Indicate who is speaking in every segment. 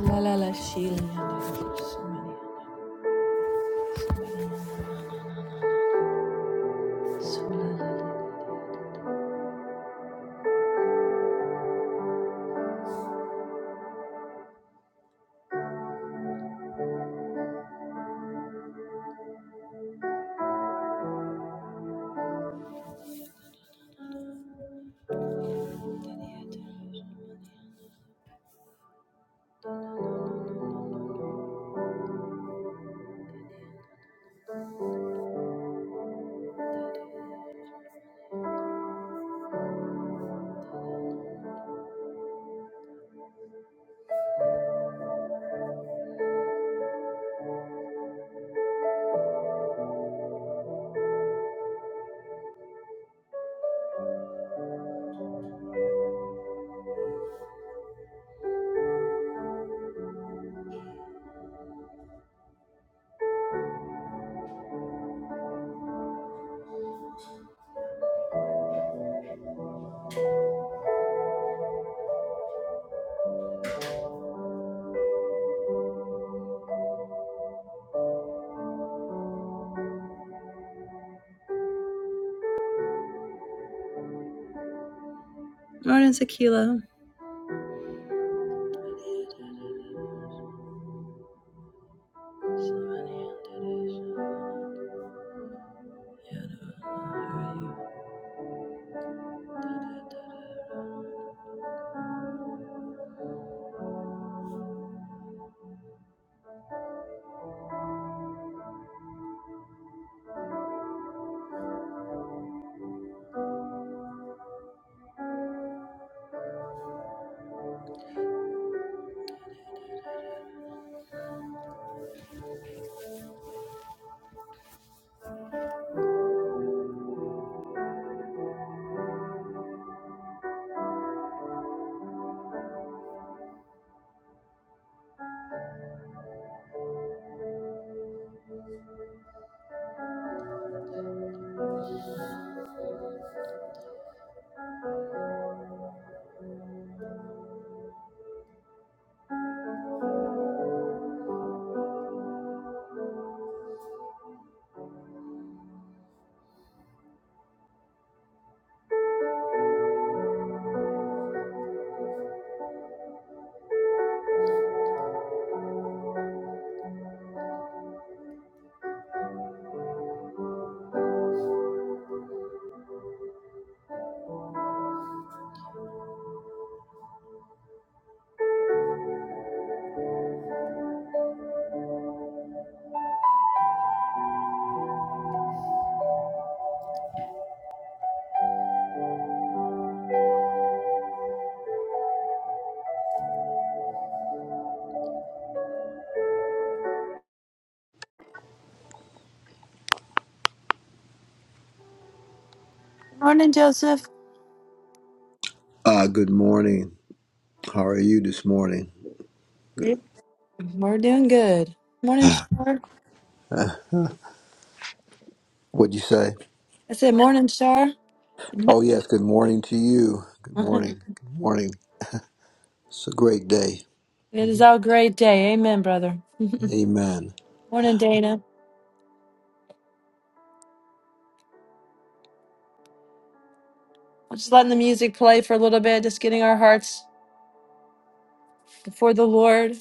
Speaker 1: La la la Morning, Sakila. Morning, Joseph.
Speaker 2: Uh, good morning. How are you this morning?
Speaker 1: Yep. We're doing good. Morning, Shar.
Speaker 2: Uh, what'd you say?
Speaker 1: I said, morning, Shar.
Speaker 2: Oh, yes, good morning to you. Good
Speaker 1: it
Speaker 2: morning. Good morning. It's a great day.
Speaker 1: is our great day. Amen, brother.
Speaker 2: Amen.
Speaker 1: morning, Dana. I'm just letting the music play for a little bit, just getting our hearts before the Lord.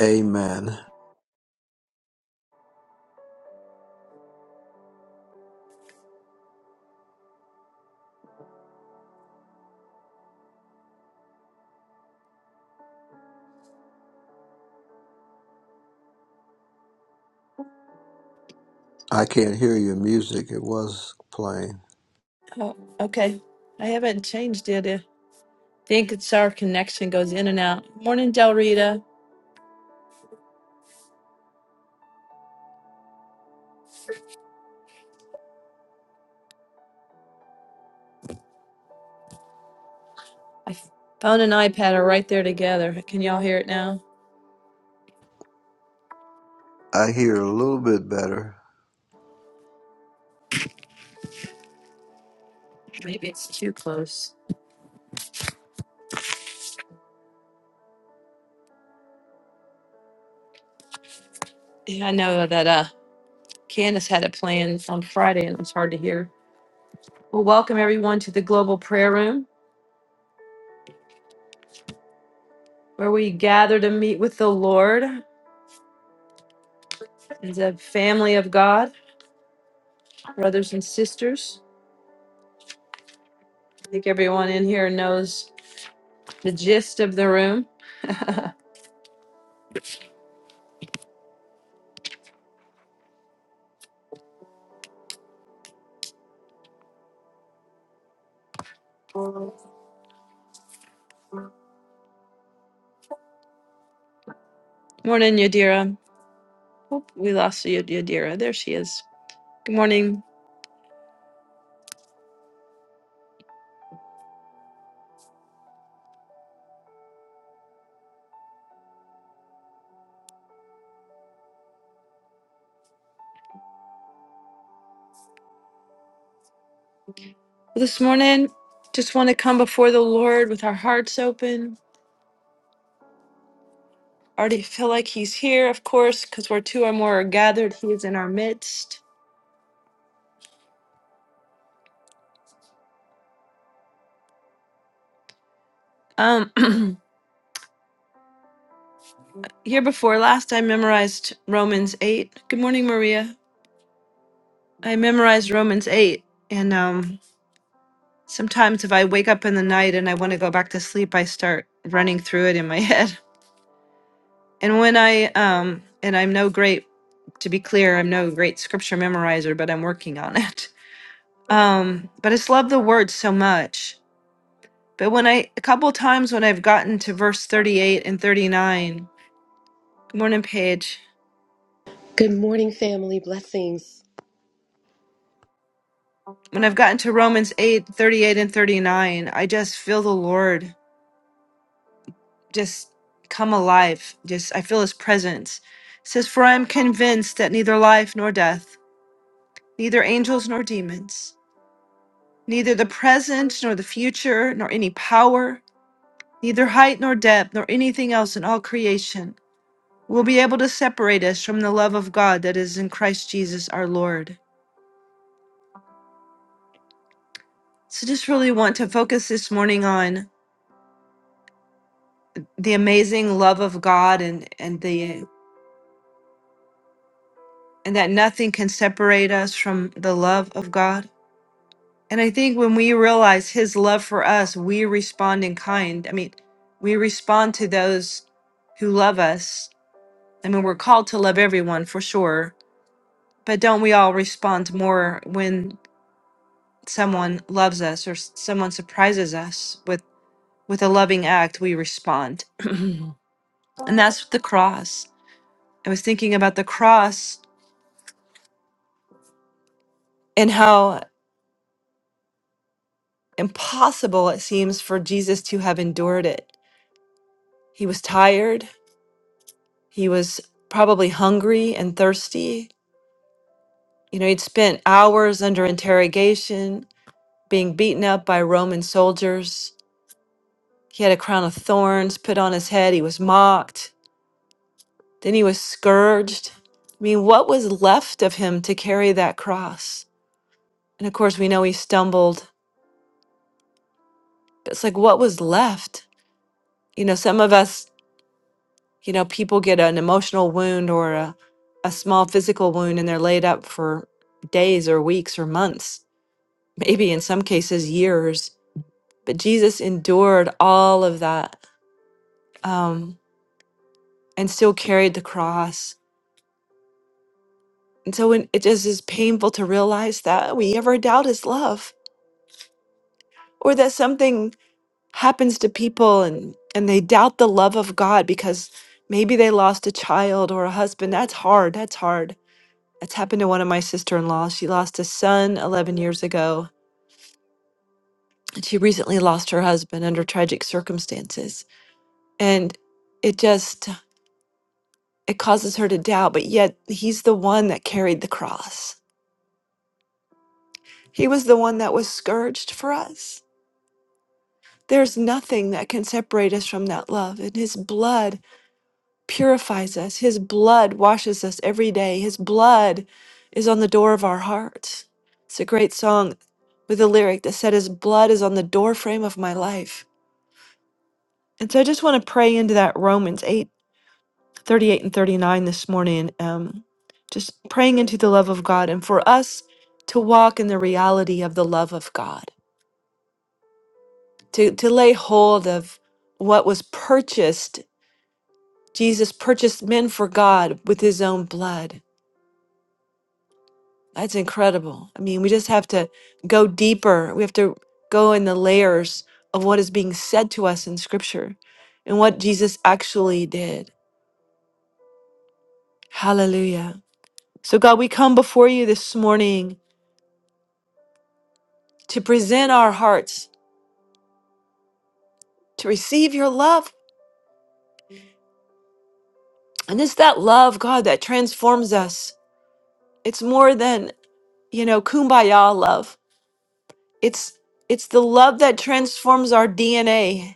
Speaker 2: Amen. I can't hear your music. It was playing.
Speaker 1: Oh, okay. I haven't changed it. I think it's our connection goes in and out. Morning, Del Rita. I phone and iPad are right there together. Can y'all hear it now?
Speaker 2: I hear a little bit better.
Speaker 1: Maybe it's too close. Yeah, I know that uh Candace had it playing on Friday and it was hard to hear. Well, welcome everyone to the Global Prayer Room, where we gather to meet with the Lord as a family of God, brothers and sisters. I think everyone in here knows the gist of the room. Morning, Yadira. Oh, we lost Yadira. There she is. Good morning. This morning, just want to come before the Lord with our hearts open. Already feel like He's here, of course, because where two or more are gathered, He is in our midst. Um, here before last, I memorized Romans 8. Good morning, Maria. I memorized Romans 8. And um, sometimes if I wake up in the night and I want to go back to sleep, I start running through it in my head. And when I, um, and I'm no great, to be clear, I'm no great scripture memorizer, but I'm working on it. Um, but I just love the word so much. But when I a couple times when I've gotten to verse 38 and 39, good morning, Paige.
Speaker 3: Good morning, family. Blessings.
Speaker 1: When I've gotten to Romans 8 38 and 39, I just feel the Lord just come alive. Just I feel his presence. It says, For I am convinced that neither life nor death, neither angels nor demons, neither the present nor the future, nor any power, neither height nor depth, nor anything else in all creation will be able to separate us from the love of God that is in Christ Jesus our Lord. So just really want to focus this morning on the amazing love of God and and the and that nothing can separate us from the love of God. And I think when we realize his love for us, we respond in kind. I mean, we respond to those who love us. I mean, we're called to love everyone for sure, but don't we all respond more when someone loves us or s- someone surprises us with With a loving act, we respond. and that's the cross. I was thinking about the cross and how impossible it seems for Jesus to have endured it. He was tired, he was probably hungry and thirsty. You know, he'd spent hours under interrogation, being beaten up by Roman soldiers. He had a crown of thorns put on his head. He was mocked. Then he was scourged. I mean, what was left of him to carry that cross? And of course, we know he stumbled. But it's like, what was left? You know, some of us, you know, people get an emotional wound or a, a small physical wound and they're laid up for days or weeks or months, maybe in some cases, years. But Jesus endured all of that um, and still carried the cross. And so when it just is painful to realize that we ever doubt his love or that something happens to people and and they doubt the love of God because maybe they lost a child or a husband. That's hard. That's hard. That's happened to one of my sister-in-laws. She lost a son 11 years ago, and she recently lost her husband under tragic circumstances. And it just it causes her to doubt, but yet he's the one that carried the cross. He was the one that was scourged for us. There's nothing that can separate us from that love. And his blood purifies us. His blood washes us every day. His blood is on the door of our hearts. It's a great song with a lyric that said, His blood is on the doorframe of my life. And so I just want to pray into that Romans 8:38 and 39 this morning, um, just praying into the love of God and for us to walk in the reality of the love of God, to, to lay hold of what was purchased. Jesus purchased men for God with his own blood That's incredible. I mean, we just have to go deeper. We have to go in the layers of what is being said to us in scripture and what Jesus actually did. Hallelujah. So, God, we come before you this morning to present our hearts to receive your love. And it's that love, God, that transforms us. It's more than, you know, kumbaya love. It's it's the love that transforms our DNA.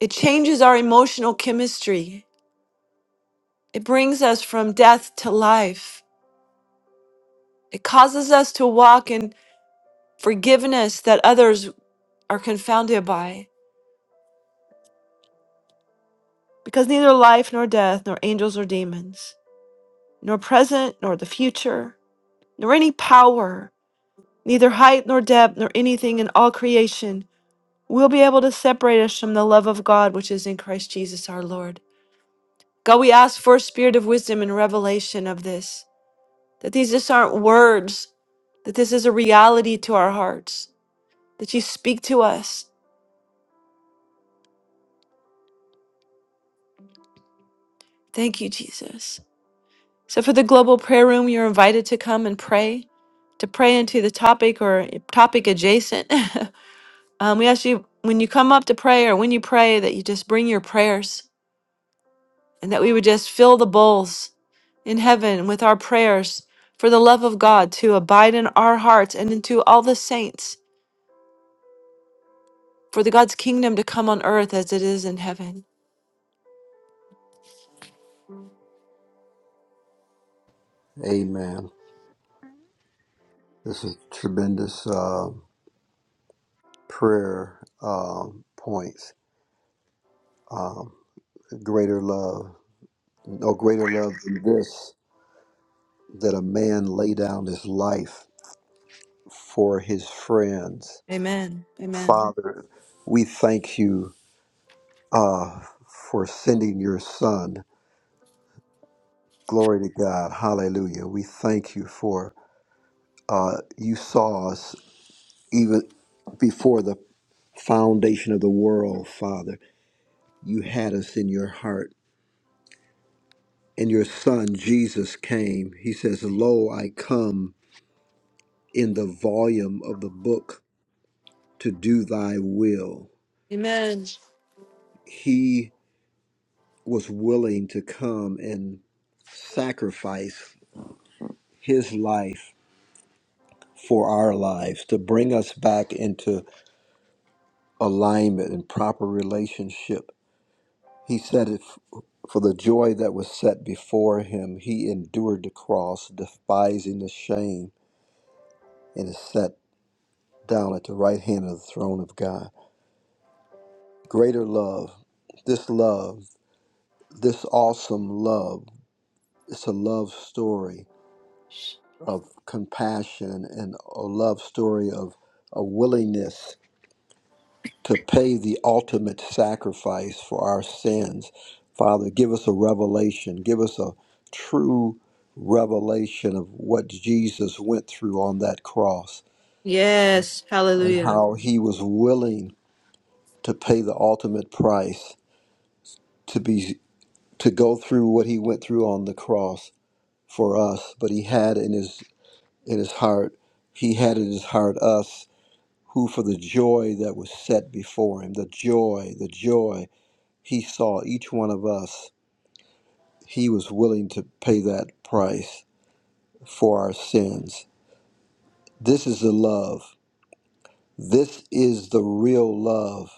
Speaker 1: It changes our emotional chemistry. It brings us from death to life. It causes us to walk in forgiveness that others are confounded by, because neither life nor death, nor angels or demons, nor present nor the future, nor any power, neither height nor depth, nor anything in all creation will be able to separate us from the love of God which is in Christ Jesus our Lord. God, we ask for a spirit of wisdom and revelation of this, that these just aren't words, that this is a reality to our hearts that you speak to us. Thank you, Jesus. So, for the global prayer room, you're invited to come and pray, to pray into the topic or topic adjacent. um, we ask you when you come up to pray or when you pray that you just bring your prayers and that we would just fill the bowls in heaven with our prayers for the love of God to abide in our hearts and into all the saints for the God's kingdom to come on earth as it is in heaven.
Speaker 2: Amen. This is tremendous um prayer um points. Um, greater love, no greater love than this, that a man lay down his life for his friends
Speaker 1: Amen. Amen.
Speaker 2: Father, we thank you uh, for sending your son. Glory to God. Hallelujah. We thank you for uh, you saw us even before the foundation of the world, Father. You had us in your heart. And your son, Jesus, came. He says, Lo, I come in the volume of the book to do thy will.
Speaker 1: Amen.
Speaker 2: He was willing to come and sacrifice his life for our lives, to bring us back into alignment and proper relationship. He said it f- for the joy that was set before him, he endured the cross, despising the shame, and is set down at the right hand of the throne of God. Greater love, this love, this awesome love, it's a love story of compassion and a love story of a willingness to pay the ultimate sacrifice for our sins. Father, give us a revelation. Give us a true revelation of what Jesus went through on that cross
Speaker 1: Yes.
Speaker 2: and
Speaker 1: Hallelujah.
Speaker 2: how he was willing to pay the ultimate price to be to go through what he went through on the cross for us, but he had in his in his heart he had in his heart us who for the joy that was set before him, the joy, the joy he saw each one of us He was willing to pay that price for our sins. This is the love. This is the real love.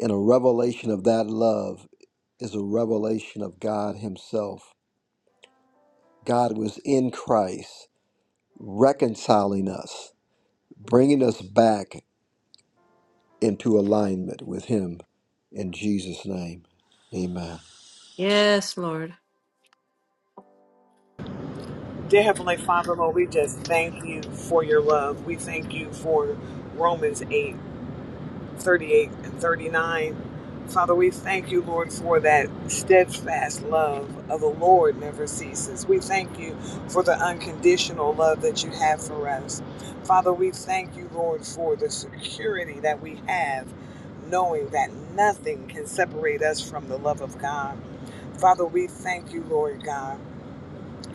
Speaker 2: And a revelation of that love is a revelation of God Himself. God was in Christ, reconciling us, bringing us back into alignment with Him. In Jesus' name, amen.
Speaker 1: Yes, Lord.
Speaker 4: Dear Heavenly Father, Lord, we just thank you for your love. We thank you for Romans 8 38 and 39. Father, we thank you, Lord, for that steadfast love of the Lord never ceases. We thank you for the unconditional love that you have for us. Father, we thank you, Lord, for the security that we have, knowing that nothing can separate us from the love of God. Father, we thank you, Lord God,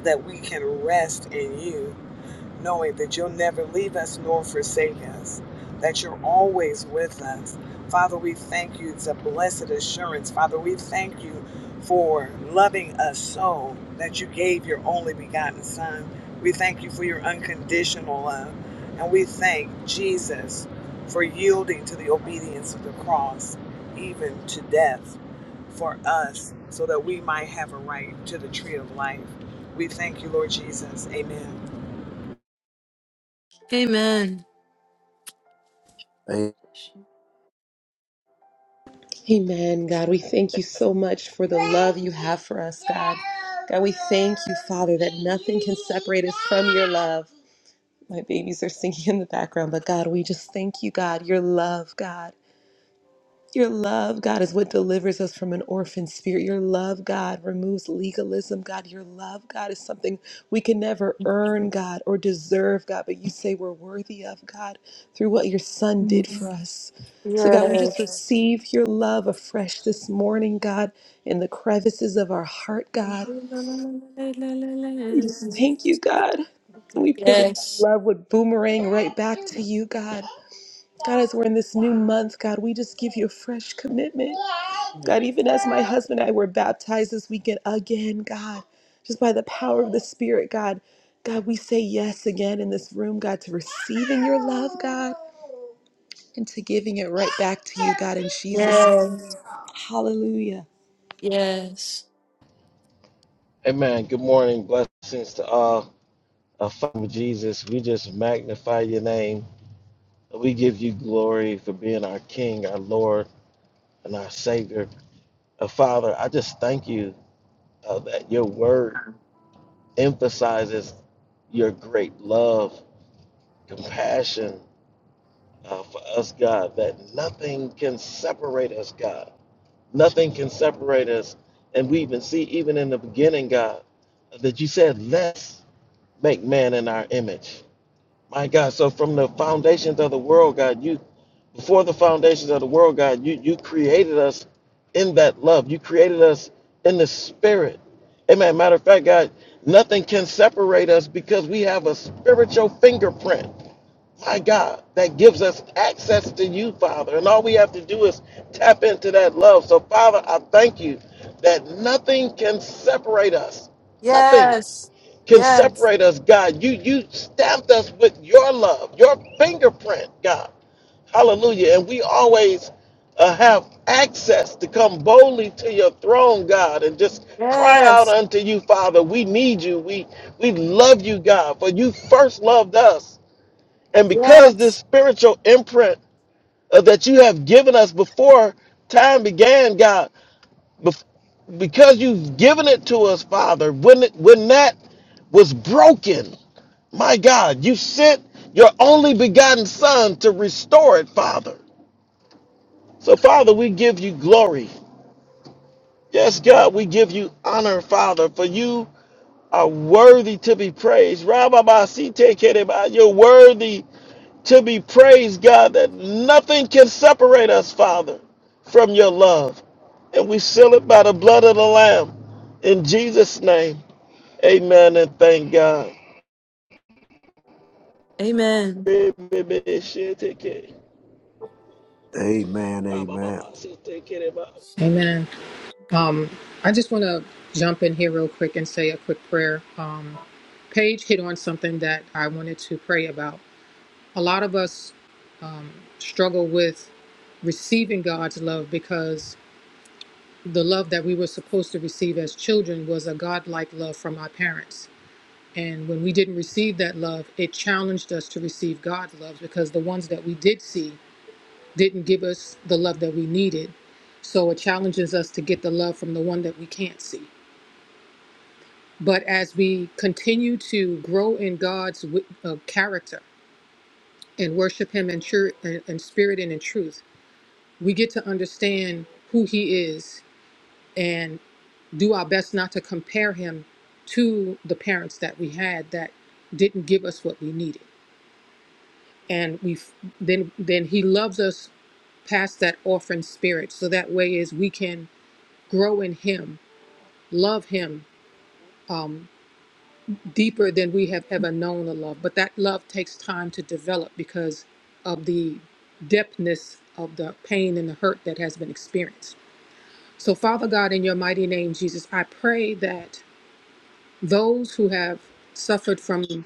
Speaker 4: that we can rest in you knowing that you'll never leave us nor forsake us, that you're always with us. Father, we thank you. It's a blessed assurance. Father, we thank you for loving us so that you gave your only begotten Son. We thank you for your unconditional love. And we thank Jesus for yielding to the obedience of the cross, even to death for us, so that we might have a right to the tree of life. We thank you, Lord Jesus. Amen.
Speaker 1: Amen.
Speaker 2: A-
Speaker 3: Amen. God, we thank you so much for the love you have for us, God. God, we thank you, Father, that nothing can separate us from your love. My babies are singing in the background, but God, we just thank you, God, your love, God. Your love, God, is what delivers us from an orphan spirit. Your love, God, removes legalism, God. Your love, God, is something we can never earn, God, or deserve, God, but you say we're worthy of, God, through what your Son did for us. So, God, we just receive your love afresh this morning, God, in the crevices of our heart, God. We just thank you, God. And we pray that that
Speaker 1: Yes.
Speaker 3: love would boomerang right back to you, God. God, as we're in this new month, God, we just give you a fresh commitment. God, even as my husband and I were baptized this weekend again, God, just by the power of the Spirit, God, God, we say yes again in this room, God, to receiving your love, God, and to giving it right back to you, God, in Jesus'
Speaker 1: Yes.
Speaker 3: name. Hallelujah.
Speaker 1: Yes.
Speaker 5: Amen. Good morning. Blessings to all. Uh, Father Jesus, we just magnify your name. We give you glory for being our King, our Lord, and our Savior. Uh, Father, I just thank you uh, that your word emphasizes your great love, compassion uh, for us, God, that nothing can separate us, God. Nothing can separate us. And we even see, even in the beginning, God, that you said, let's make man in our image. My God, so from the foundations of the world, God, you before the foundations of the world, God, you you created us in that love. You created us in the spirit. Amen. Matter of fact, God, nothing can separate us because we have a spiritual fingerprint. My God, that gives us access to you, Father. And all we have to do is tap into that love. So, Father, I thank you that nothing can separate us. Nothing
Speaker 1: Yes.
Speaker 5: can
Speaker 1: Yes.
Speaker 5: separate us, God. You you stamped us with your love, your fingerprint, God. Hallelujah. And we always uh, have access to come boldly to your throne, God, and just cry out
Speaker 1: Yes.
Speaker 5: unto you, Father. We need you. We we love you, God, for you first loved us. And because this
Speaker 1: Yes.
Speaker 5: spiritual imprint uh, that you have given us before time began, God, bef- because you've given it to us, Father, when it, when that was broken, my God, you sent your only begotten Son to restore it, Father. So, Father, we give you glory. Yes, God, we give you honor, Father, for you are worthy to be praised. Rababasitekereba, You're worthy to be praised, God, that nothing can separate us, Father, from your love. And we seal it by the blood of the Lamb. In Jesus' name, amen and thank God.
Speaker 1: Amen.
Speaker 2: Amen, amen,
Speaker 6: Amen. Um, I just want to jump in here real quick and say a quick prayer. Um, Paige hit on something that I wanted to pray about. A lot of us struggle with receiving God's love because the love that we were supposed to receive as children was a godlike love from our parents. And when we didn't receive that love, it challenged us to receive God's love because the ones that we did see didn't give us the love that we needed. So it challenges us to get the love from the one that we can't see. But as we continue to grow in God's wi- uh, character and worship Him in, tru- in, in spirit and in truth, we get to understand who He is and do our best not to compare Him to the parents that we had that didn't give us what we needed. And we f- then then He loves us past that orphan spirit, so that way is we can grow in Him, love Him. um, deeper than we have ever known a love. But that love takes time to develop because of the depthness of the pain and the hurt that has been experienced. So, Father God, in your mighty name, Jesus, I pray that those who have suffered from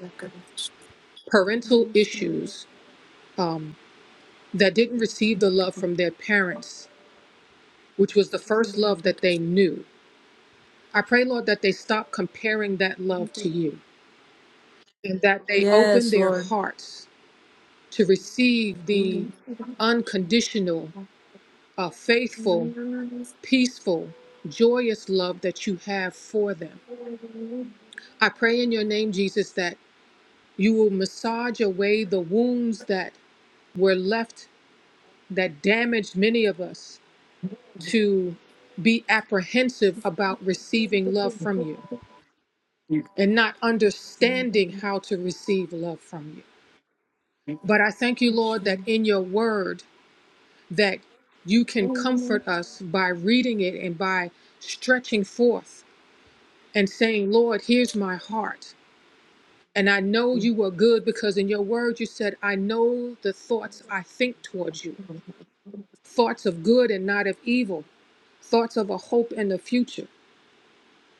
Speaker 6: parental issues um, that didn't receive the love from their parents, which was the first love that they knew, I pray, Lord, that they stop comparing that love to you and that they open
Speaker 1: Yes,
Speaker 6: their
Speaker 1: Lord.
Speaker 6: hearts to receive the unconditional, uh, faithful, peaceful, joyous love that you have for them. I pray in your name, Jesus, that you will massage away the wounds that were left that damaged many of us to be apprehensive about receiving love from you and not understanding how to receive love from you. But I thank you, Lord, that in your word, that you can comfort us by reading it and by stretching forth and saying, Lord, here's my heart. And I know you are good because in your word you said, I know the thoughts I think towards you, thoughts of good and not of evil, thoughts of a hope and a future.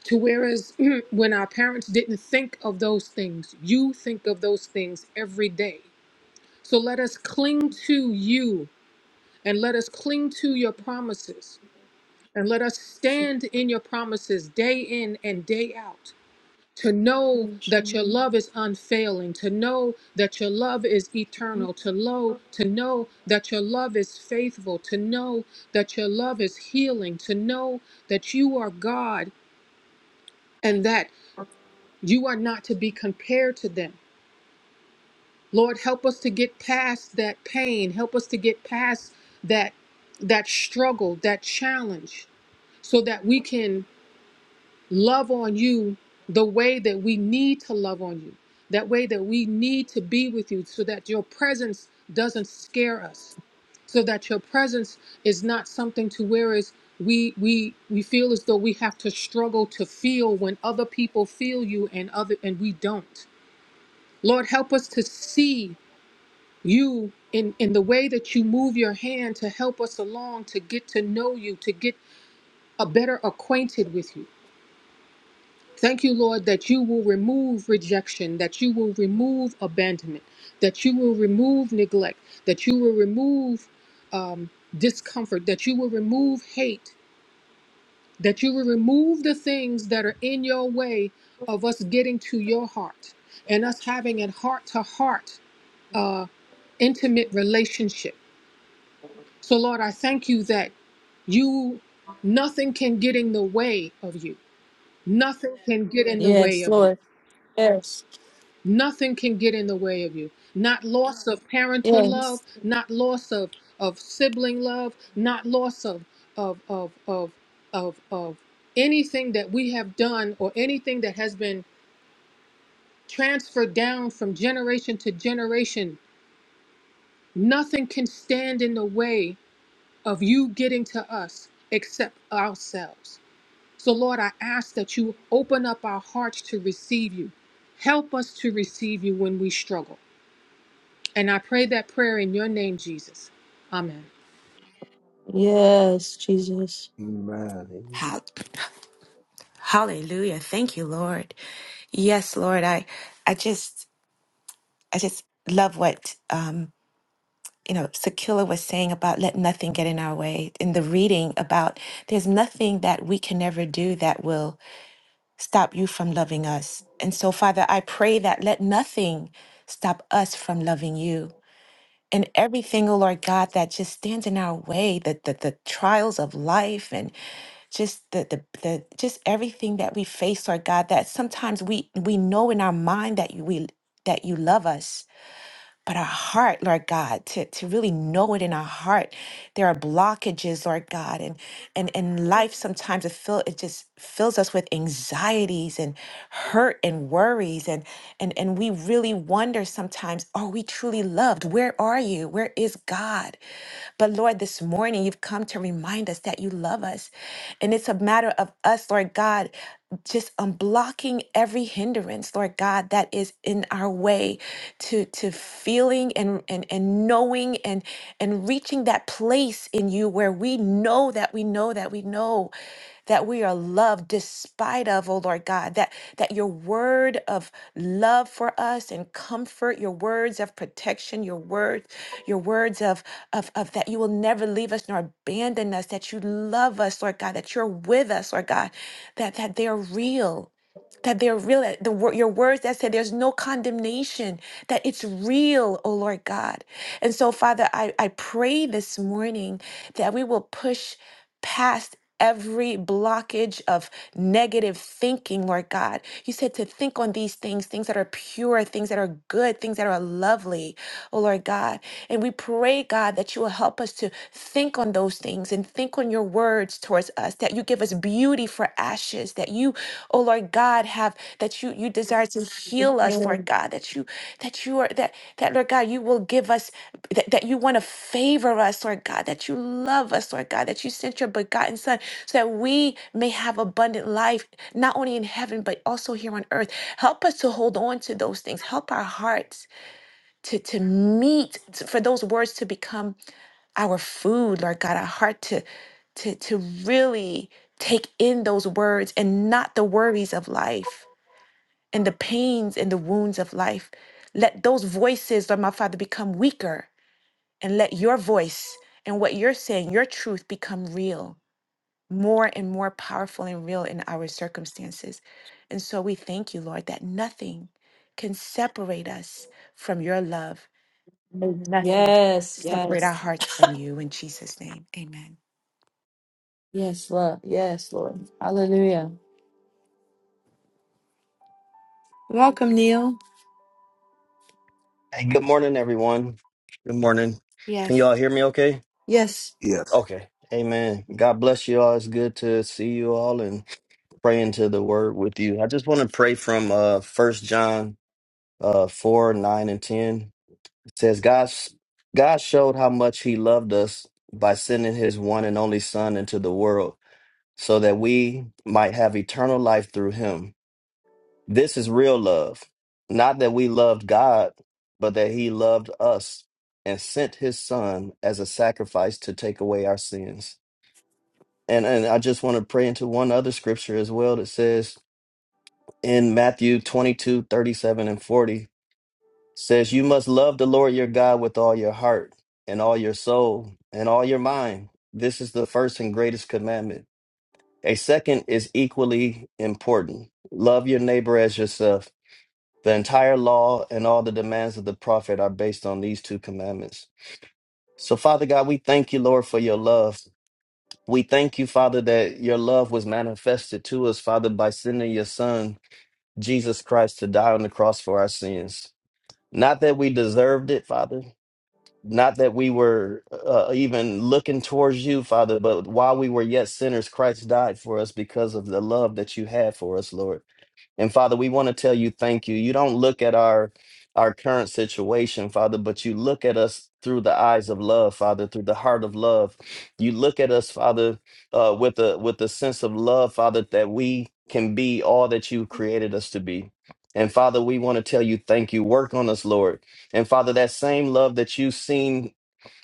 Speaker 6: To whereas when our parents didn't think of those things, you think of those things every day. So let us cling to you and let us cling to your promises And let us stand in your promises day in and day out to know that your love is unfailing, to know that your love is eternal, to know, to know that your love is faithful, to know that your love is healing, to know that you are God and that you are not to be compared to them. Lord, help us to get past that pain, help us to get past that that struggle, that challenge so that we can love on you the way that we need to love on you, that way that we need to be with you, so that your presence doesn't scare us, so that your presence is not something to where is we we we feel as though we have to struggle to feel when other people feel you and other and we don't. Lord, help us to see you in in the way that you move your hand to help us along to get to know you, to get a better acquainted with you Thank you, Lord, that you will remove rejection, that you will remove abandonment, that you will remove neglect, that you will remove um, discomfort, that you will remove hate, that you will remove the things that are in your way of us getting to your heart and us having a heart to heart intimate relationship. So, Lord, I thank you that you, nothing can get in the way of you, nothing can get in the
Speaker 1: Yes,
Speaker 6: way of you.
Speaker 1: Lord. Yes.
Speaker 6: Nothing can get in the way of you. Not loss of parental love,
Speaker 1: Yes.
Speaker 6: not loss of, of sibling love, not loss of of of of of of anything that we have done or anything that has been transferred down from generation to generation. Nothing can stand in the way of you getting to us except ourselves. So Lord, I ask that you open up our hearts to receive you. Help us to receive you when we struggle. And I pray that prayer in your name, Jesus. Amen.
Speaker 1: Yes, Jesus.
Speaker 2: amen.
Speaker 7: Hall- Hallelujah. Thank you, Lord. Yes, Lord. I I just I just love what um you know Sakila was saying about let nothing get in our way in the reading about there's nothing that we can never do that will stop you from loving us. And so Father, I pray that let nothing stop us from loving you. and everything, oh Lord God, that just stands in our way, the the, the trials of life and just the, the the just everything that we face, Lord God, that sometimes we we know in our mind that you we that you love us but our heart, Lord God, to, to really know it in our heart. There are blockages, Lord God, and and and life sometimes it fill it just fills us with anxieties and hurt and worries and and and we really wonder sometimes, are we truly loved? Where are you? Where is God? But Lord, this morning you've come to remind us that you love us. And it's a matter of us, Lord God. God, just unblocking every hindrance, Lord God, that is in our way to, to feeling and, and, and knowing and, and reaching that place in you where we know that we know that we know that we are loved despite of, oh Lord God, that, that your word of love for us and comfort, your words of protection, your words, your words of, of, of that you will never leave us nor abandon us, that you love us, Lord God, that you're with us, Lord God, that that they're real that they're real that the wor- your words that said there's no condemnation that it's real oh lord god and so father i i pray this morning that we will push past every blockage of negative thinking, Lord God. You said to think on these things, things that are pure, things that are good, things that are lovely, oh Lord God. And we pray, God, that you will help us to think on those things and think on your words towards us, that you give us beauty for ashes, that you, oh Lord God, have that you you you desire to heal us, Lord God, that you that you are that that Lord God, you will give us that, that you want to favor us, Lord God, that you love us, Lord God, that you sent your begotten Son so that we may have abundant life, not only in heaven, but also here on earth. Help us to hold on to those things. Help our hearts to to meet to- for those words to become our food, Lord God, our heart to to to really take in those words and not the worries of life and the pains and the wounds of life. Let those voices, Lord my Father, become weaker and let your voice and what you're saying, your truth become real, more and more powerful and real in our circumstances. And so we thank you, Lord, that nothing can separate us from your love. May nothing
Speaker 1: Yes,
Speaker 7: separate our
Speaker 1: yes,
Speaker 7: hearts from you in Jesus' name. Amen.
Speaker 1: yes, Lord. Yes, Lord. Hallelujah. Welcome, Neil.
Speaker 8: Hey, good morning, everyone. Good morning. Can you
Speaker 7: Yes.
Speaker 8: all hear me okay?
Speaker 1: Yes.
Speaker 2: Yes,
Speaker 8: Okay. Amen. God bless you all. It's good to see you all and pray into the word with you. I just want to pray from uh first John uh four, nine, and ten. It says, God God showed how much he loved us by sending his one and only son into the world so that we might have eternal life through him. This is real love. Not that we loved God, but that he loved us and sent his son as a sacrifice to take away our sins. And and I just want to pray into one other scripture as well that says in Matthew 22 37 and 40 says you must love the Lord your God with all your heart and all your soul and all your mind. This is the first and greatest commandment. A second is equally important. Love your neighbor as yourself. The entire law and all the demands of the prophet are based on these two commandments. So, Father God, we thank you, Lord, for your love. We thank you, Father, that your love was manifested to us, Father, by sending your Son, Jesus Christ, to die on the cross for our sins. Not that we deserved it, Father. Not that we were uh, even looking towards you, Father, but while we were yet sinners, Christ died for us because of the love that you had for us, Lord. And Father, we want to tell you thank you. You don't look at our our current situation, Father, but you look at us through the eyes of love, Father, through the heart of love. You look at us, Father, uh, with a with a sense of love, Father, that we can be all that you created us to be. And Father, we want to tell you thank you. Work on us, Lord. And Father, that same love that you've seen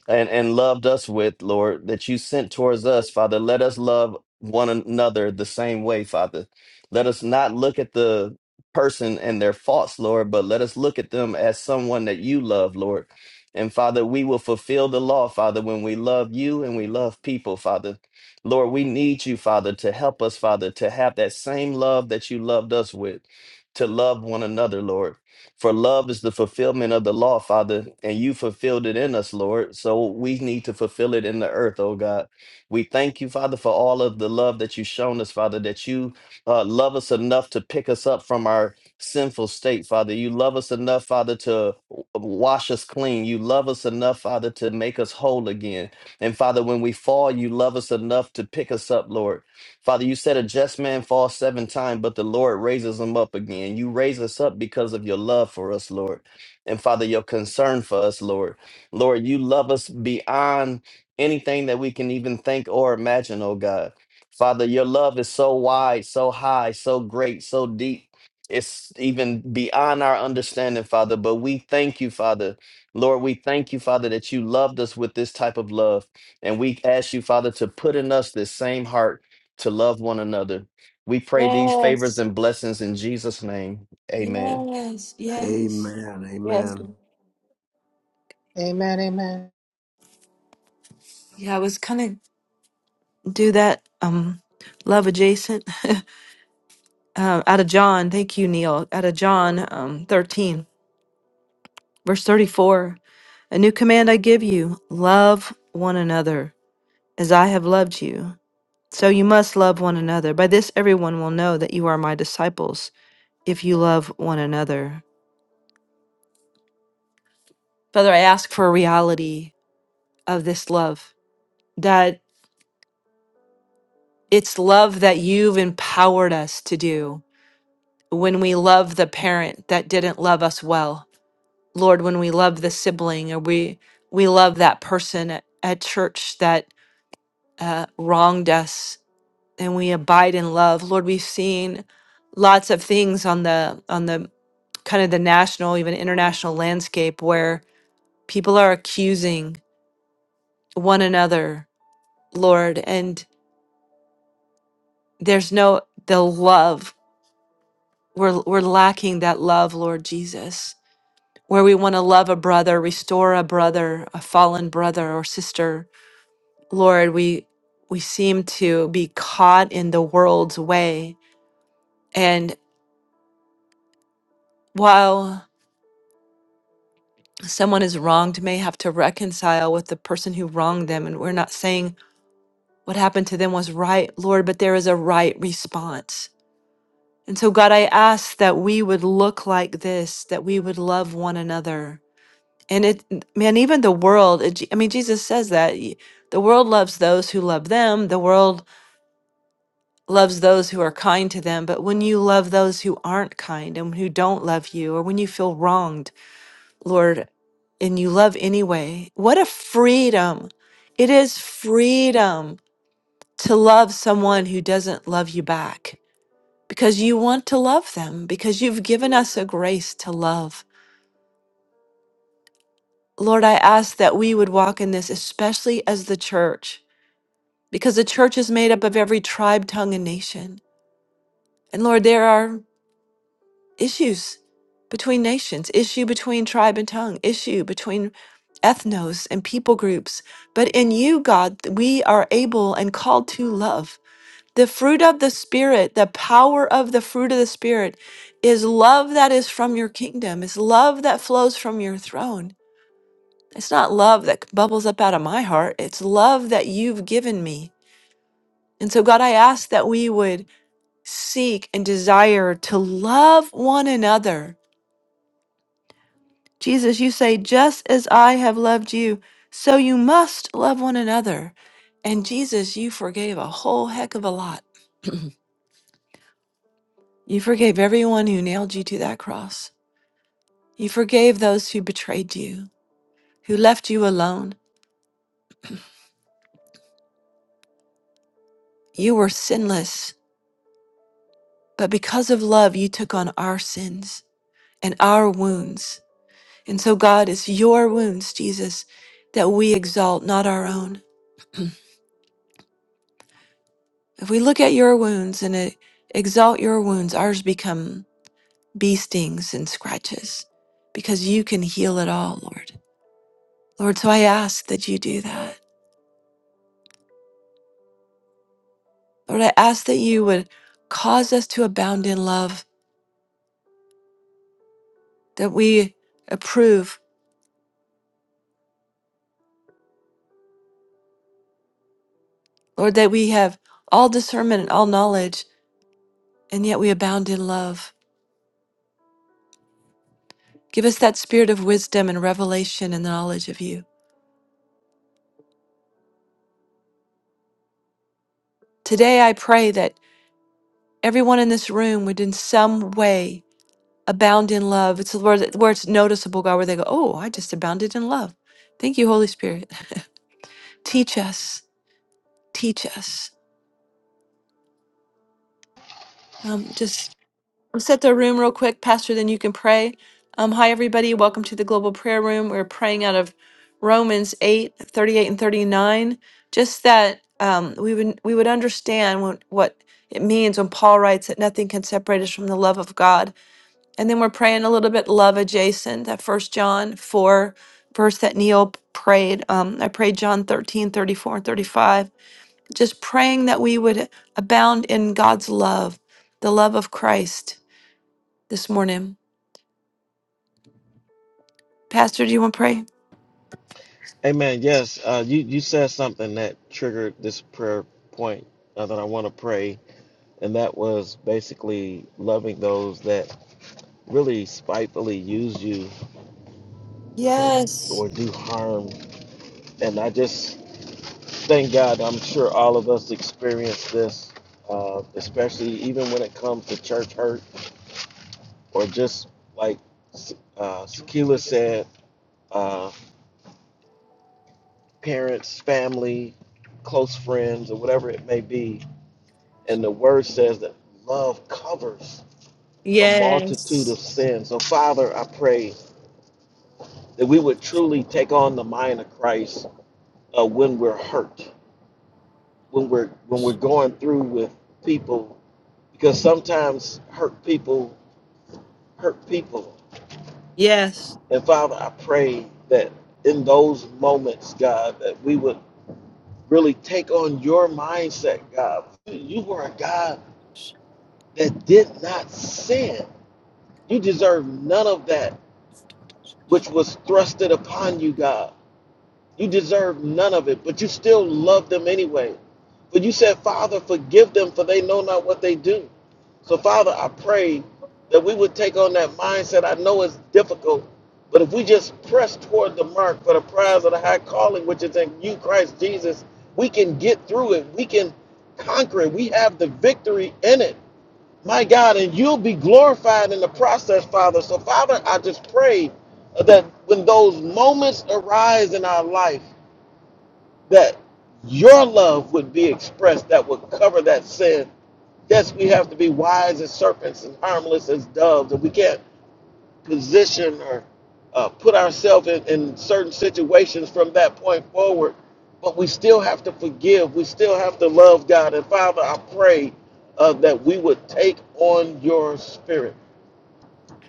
Speaker 8: and, and loved us with, Lord, that you sent towards us, Father. Let us love one another the same way, Father. Let us not look at the person and their faults, Lord, but let us look at them as someone that you love, Lord. And Father, we will fulfill the law, Father, when we love you and we love people, Father. Lord, we need you, Father, to help us, Father, to have that same love that you loved us with, to love one another, Lord. For love is the fulfillment of the law, Father, and you fulfilled it in us, Lord. So we need to fulfill it in the earth, oh God. We thank you, Father, for all of the love that you've shown us, Father, that you uh, love us enough to pick us up from our sinful state, Father. You love us enough, Father, to w- wash us clean. You love us enough, Father, to make us whole again. And Father, when we fall, you love us enough to pick us up, Lord. Father, you said a just man falls seven times, but the Lord raises him up again. You raise us up because of your love for us, Lord. And Father, your concern for us, Lord. Lord, you love us beyond anything that we can even think or imagine, oh God. Father, your love is so wide, so high, so great, so deep. It's even beyond our understanding, Father. But we thank you, Father. Lord, we thank you, Father, that you loved us with this type of love. And we ask you, Father, to put in us this same heart to love one another. We pray these favors
Speaker 1: Yes,
Speaker 8: and blessings in Jesus' name. Amen.
Speaker 1: yes, yes,
Speaker 2: amen,
Speaker 1: yes.
Speaker 2: amen,
Speaker 6: Amen. Amen.
Speaker 1: Yeah, I was kind of do that. Um, love adjacent. uh, out of John. Thank you, Neil. Out of John, um, thirteen, verse thirty-four. A new command I give you: love one another, as I have loved you. So you must love one another. By this, everyone will know that you are my disciples. if you love one another. Father, I ask for a reality of this love, that it's love that you've empowered us to do. When we love the parent that didn't love us well, Lord, when we love the sibling or we we love that person at, at church that uh, wronged us, and we abide in love, Lord, we've seen lots of things on the on the kind of the national, even international landscape where people are accusing one another Lord, and there's no the love. We're we're lacking that love, Lord Jesus. Where we want to love a brother, restore a brother, a fallen brother or sister. Lord, we we seem to be caught in the world's way. And while someone is wronged may have to reconcile with the person who wronged them and we're not saying what happened to them was right, Lord, but there is a right response And so, God, I ask that we would look like this, that we would love one another. And it, man, even the world, it, I mean, Jesus says that y- the world loves those who love them, the world loves those who are kind to them. But when you love those who aren't kind and who don't love you, or when you feel wronged, Lord, and you love anyway, what a freedom! It is freedom to love someone who doesn't love you back because you want to love them, because you've given us a grace to love. Lord, I ask that we would walk in this, especially as the church, because the church is made up of every tribe, tongue, and nation. And Lord, there are issues between nations, issue between tribe and tongue, issue between ethnos and people groups. But in you, God, we are able and called to love. The fruit of the Spirit, the power of the fruit of the Spirit, is love that is from your kingdom. It's love that flows from your throne. It's not love that bubbles up out of my heart. It's love that you've given me. And so, God, I ask that we would seek and desire to love one another. Jesus, you say, just as I have loved you, so you must love one another. And Jesus, you forgave a whole heck of a lot. you forgave everyone who nailed you to that cross. You forgave those who betrayed you, who left you alone. You were sinless, but because of love, you took on our sins and our wounds. And so, God, it's your wounds, Jesus, that we exalt, not our own. If we look at your wounds and uh, exalt your wounds, ours become bee stings and scratches because you can heal it all, Lord. Lord, so I ask that you do that. Lord, I ask that you would cause us to abound in love, that we approve Lord, that we have all discernment and all knowledge, and yet we abound in love. Give us that spirit of wisdom and revelation and the knowledge of you. Today, I pray that everyone in this room would, in some way, abound in love. It's the word that- where it's noticeable, God, where they go, Oh, I just abounded in love. Thank you, Holy Spirit. Teach us, teach us. Um, just I'll set the room real quick, Pastor, then you can pray. Um, hi, everybody. Welcome to the Global Prayer Room. We're praying out of Romans 8 38 and 39. Just that um, we, would, we would understand what, what it means when Paul writes that nothing can separate us from the love of God. And then we're praying a little bit love adjacent, that First John 4 verse that Neil prayed. Um, I prayed John 13 34 and 35. Just praying that we would abound in God's love, the love of Christ this morning. Pastor, do you want to pray?
Speaker 5: Amen. Yes, uh, you you said something that triggered this prayer point uh, that I want to pray, and that was basically loving those that really spitefully use you or
Speaker 1: Yes.
Speaker 5: or do harm. And I just thank God. I'm sure all of us experience this, uh, especially even when it comes to church hurt or just like uh, Sakila said. Uh, parents, family, close friends, or whatever it may be. And the word says that love covers a multitude
Speaker 1: Yes.
Speaker 5: of sins. So, Father, I pray that we would truly take on the mind of Christ uh, when we're hurt, when we're when we're going through with people, because sometimes hurt people hurt people.
Speaker 1: Yes.
Speaker 5: And Father, I pray that in those moments, God, that we would really take on your mindset, God. You are a God that did not sin. You deserve none of that which was thrusted upon you, God. You deserve none of it, but you still love them anyway. But you said, Father, forgive them, for they know not what they do. So, Father, I pray that we would take on that mindset. I know it's difficult, but if we just press toward the mark for the prize of the high calling, which is in you, Christ Jesus, we can get through it. We can conquer it. We have the victory in it. My God, and you'll be glorified in the process, Father. So, Father, I just pray that when those moments arise in our life, that your love would be expressed that would cover that sin. Yes, we have to be wise as serpents and harmless as doves, and we can't position or uh, put ourselves in, in certain situations from that point forward. But we still have to forgive. We still have to love God. And Father, I pray uh, that we would take on your spirit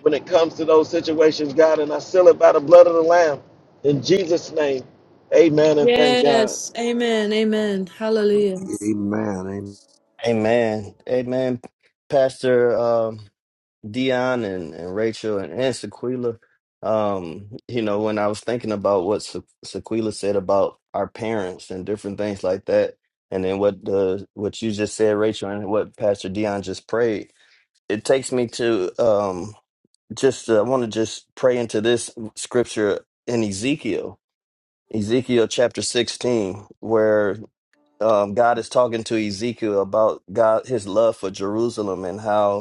Speaker 5: when it comes to those situations, God. And I seal it by the blood of the Lamb. In Jesus' name, amen and thank God.
Speaker 1: Yes. Amen. Amen. Hallelujah.
Speaker 2: amen, amen.
Speaker 8: Amen. Amen. Pastor um, Dion and, and Rachel and, and Sequila, um, you know, when I was thinking about what Se- Sequila said about our parents and different things like that, and then what the what you just said, Rachel, and what Pastor Dion just prayed, it takes me to um, just uh, I want to just pray into this scripture in Ezekiel Ezekiel chapter 16, where um, God is talking to Ezekiel about God, his love for Jerusalem and how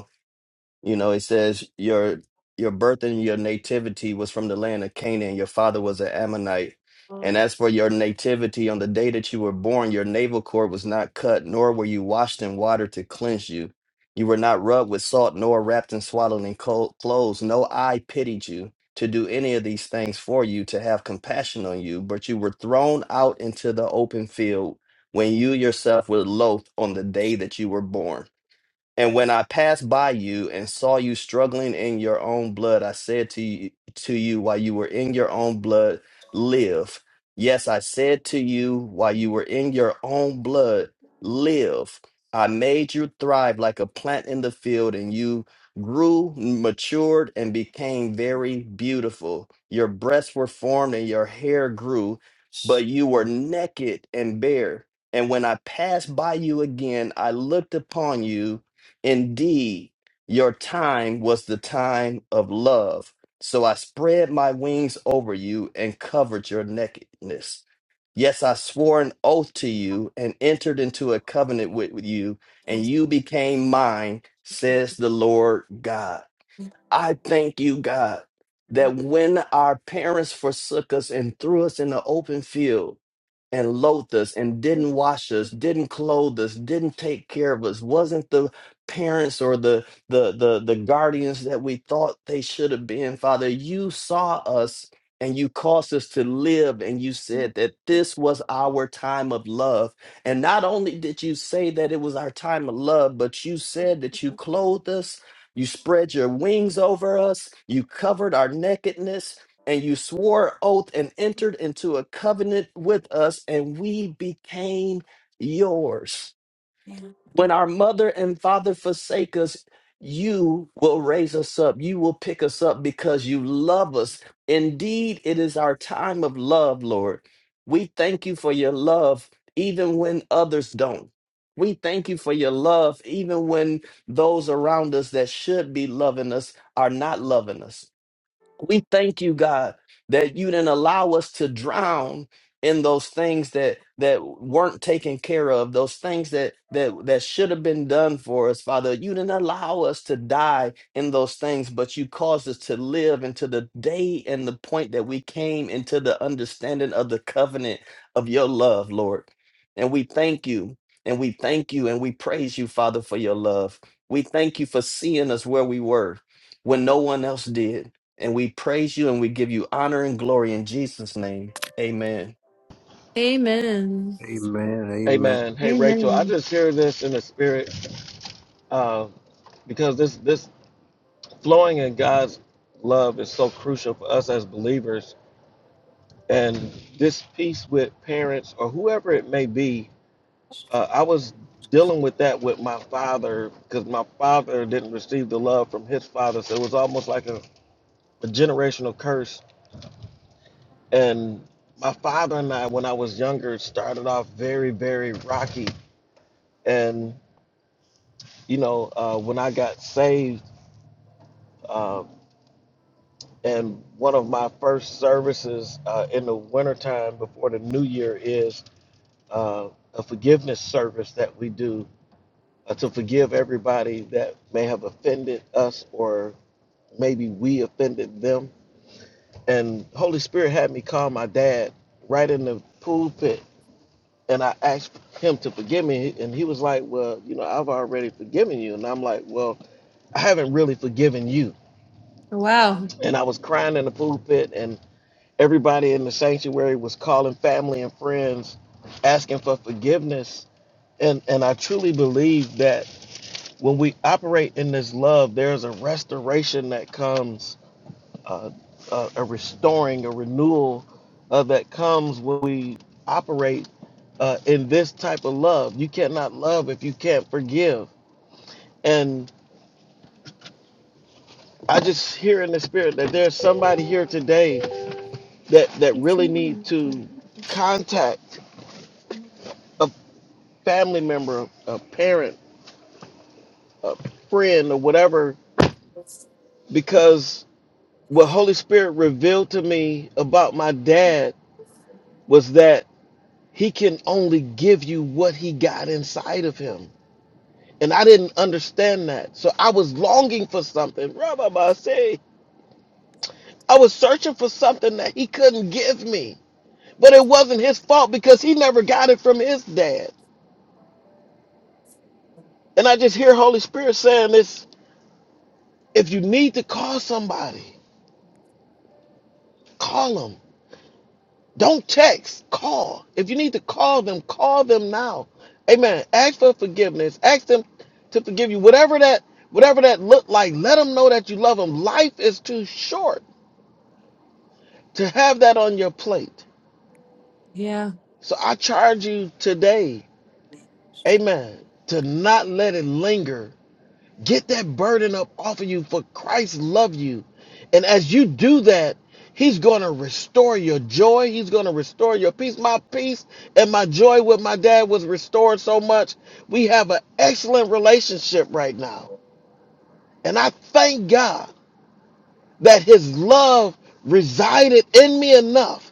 Speaker 8: you know, it says your your birth and your nativity was from the land of Canaan. Your father was an Ammonite. And as for your nativity, on the day that you were born, your navel cord was not cut, nor were you washed in water to cleanse you. You were not rubbed with salt, nor wrapped and swaddled in cold clothes. No eye pitied you to do any of these things for you, to have compassion on you, but you were thrown out into the open field when you yourself were loath on the day that you were born. And when I passed by you and saw you struggling in your own blood, I said to you, to you while you were in your own blood, live. Yes, I said to you while you were in your own blood, live. I made you thrive like a plant in the field, and you grew, matured, and became very beautiful. Your breasts were formed and your hair grew, but you were naked and bare. And when I passed by you again, I looked upon you Indeed, your time was the time of love. So I spread my wings over you and covered your nakedness. Yes, I swore an oath to you and entered into a covenant with you, and you became mine, says the Lord God. I thank you, God, that when our parents forsook us and threw us in the open field and loathed us and didn't wash us, didn't clothe us, didn't take care of us, wasn't the parents or the the the, the guardians that we thought they should have been, Father, you saw us and you caused us to live and you said that this was our time of love and not only did you say that it was our time of love but you said that you clothed us you spread your wings over us. You covered our nakedness. And you swore oath and entered into a covenant with us, and we became yours. When our mother and father forsake us, you will raise us up. You will pick us up because you love us. Indeed, it is our time of love, Lord. We thank you for your love, even when others don't. We thank you for your love, even when those around us that should be loving us are not loving us. We thank you, God, that you didn't allow us to drown in those things that that weren't taken care of, those things that that that should have been done for us, Father. You didn't allow us to die in those things, but you caused us to live into the day and the point that we came into the understanding of the covenant of your love, Lord. And we thank you, and we thank you, and we praise you, Father, for your love. We thank you for seeing us where we were when no one else did. And we praise you and we give you honor and glory in Jesus' name. Amen.
Speaker 1: Amen.
Speaker 2: Amen. Amen.
Speaker 5: Amen. Hey, Rachel, I
Speaker 1: Amen.
Speaker 5: just hear this in the spirit uh, because this, this flowing in God's love is so crucial for us as believers and this piece with parents or whoever it may be uh, i was dealing with that with my father because my father didn't receive the love from his father so it was almost like a, a generational curse and my father and i when i was younger started off very very rocky and you know uh, when i got saved uh, and one of my first services uh, in the wintertime before the new year is uh, a forgiveness service that we do uh, to forgive everybody that may have offended us or maybe we offended them. And Holy Spirit had me call my dad right in the pulpit and I asked him to forgive me. And he was like, Well, you know, I've already forgiven you. And I'm like, Well, I haven't really forgiven you.
Speaker 1: Wow.
Speaker 5: And I was crying in the pulpit and everybody in the sanctuary was calling family and friends asking for forgiveness. And, and I truly believe that when we operate in this love, there's a restoration that comes, uh, uh, a restoring, a renewal uh, that comes when we operate uh, in this type of love. You cannot love if you can't forgive. And I just hear in the spirit that there's somebody here today that that really need to contact a family member, a parent, a friend, or whatever, because what Holy Spirit revealed to me about my dad was that he can only give you what he got inside of him. And I didn't understand that. So I was longing for something. Rabbi say, I was searching for something that he couldn't give me. But it wasn't his fault because he never got it from his dad. And I just hear Holy Spirit saying this if you need to call somebody, call them. Don't text, call. If you need to call them, call them now. Amen. Ask for forgiveness. Ask them to forgive you. Whatever that whatever that look like, let them know that you love them. Life is too short to have that on your plate.
Speaker 1: Yeah.
Speaker 5: So I charge you today, amen, to not let it linger Get that burden up off of you for Christ loves you. And as you do that, he's going to restore your joy. He's going to restore your peace. My peace and my joy with my dad was restored so much. We have an excellent relationship right now. And I thank God that his love resided in me enough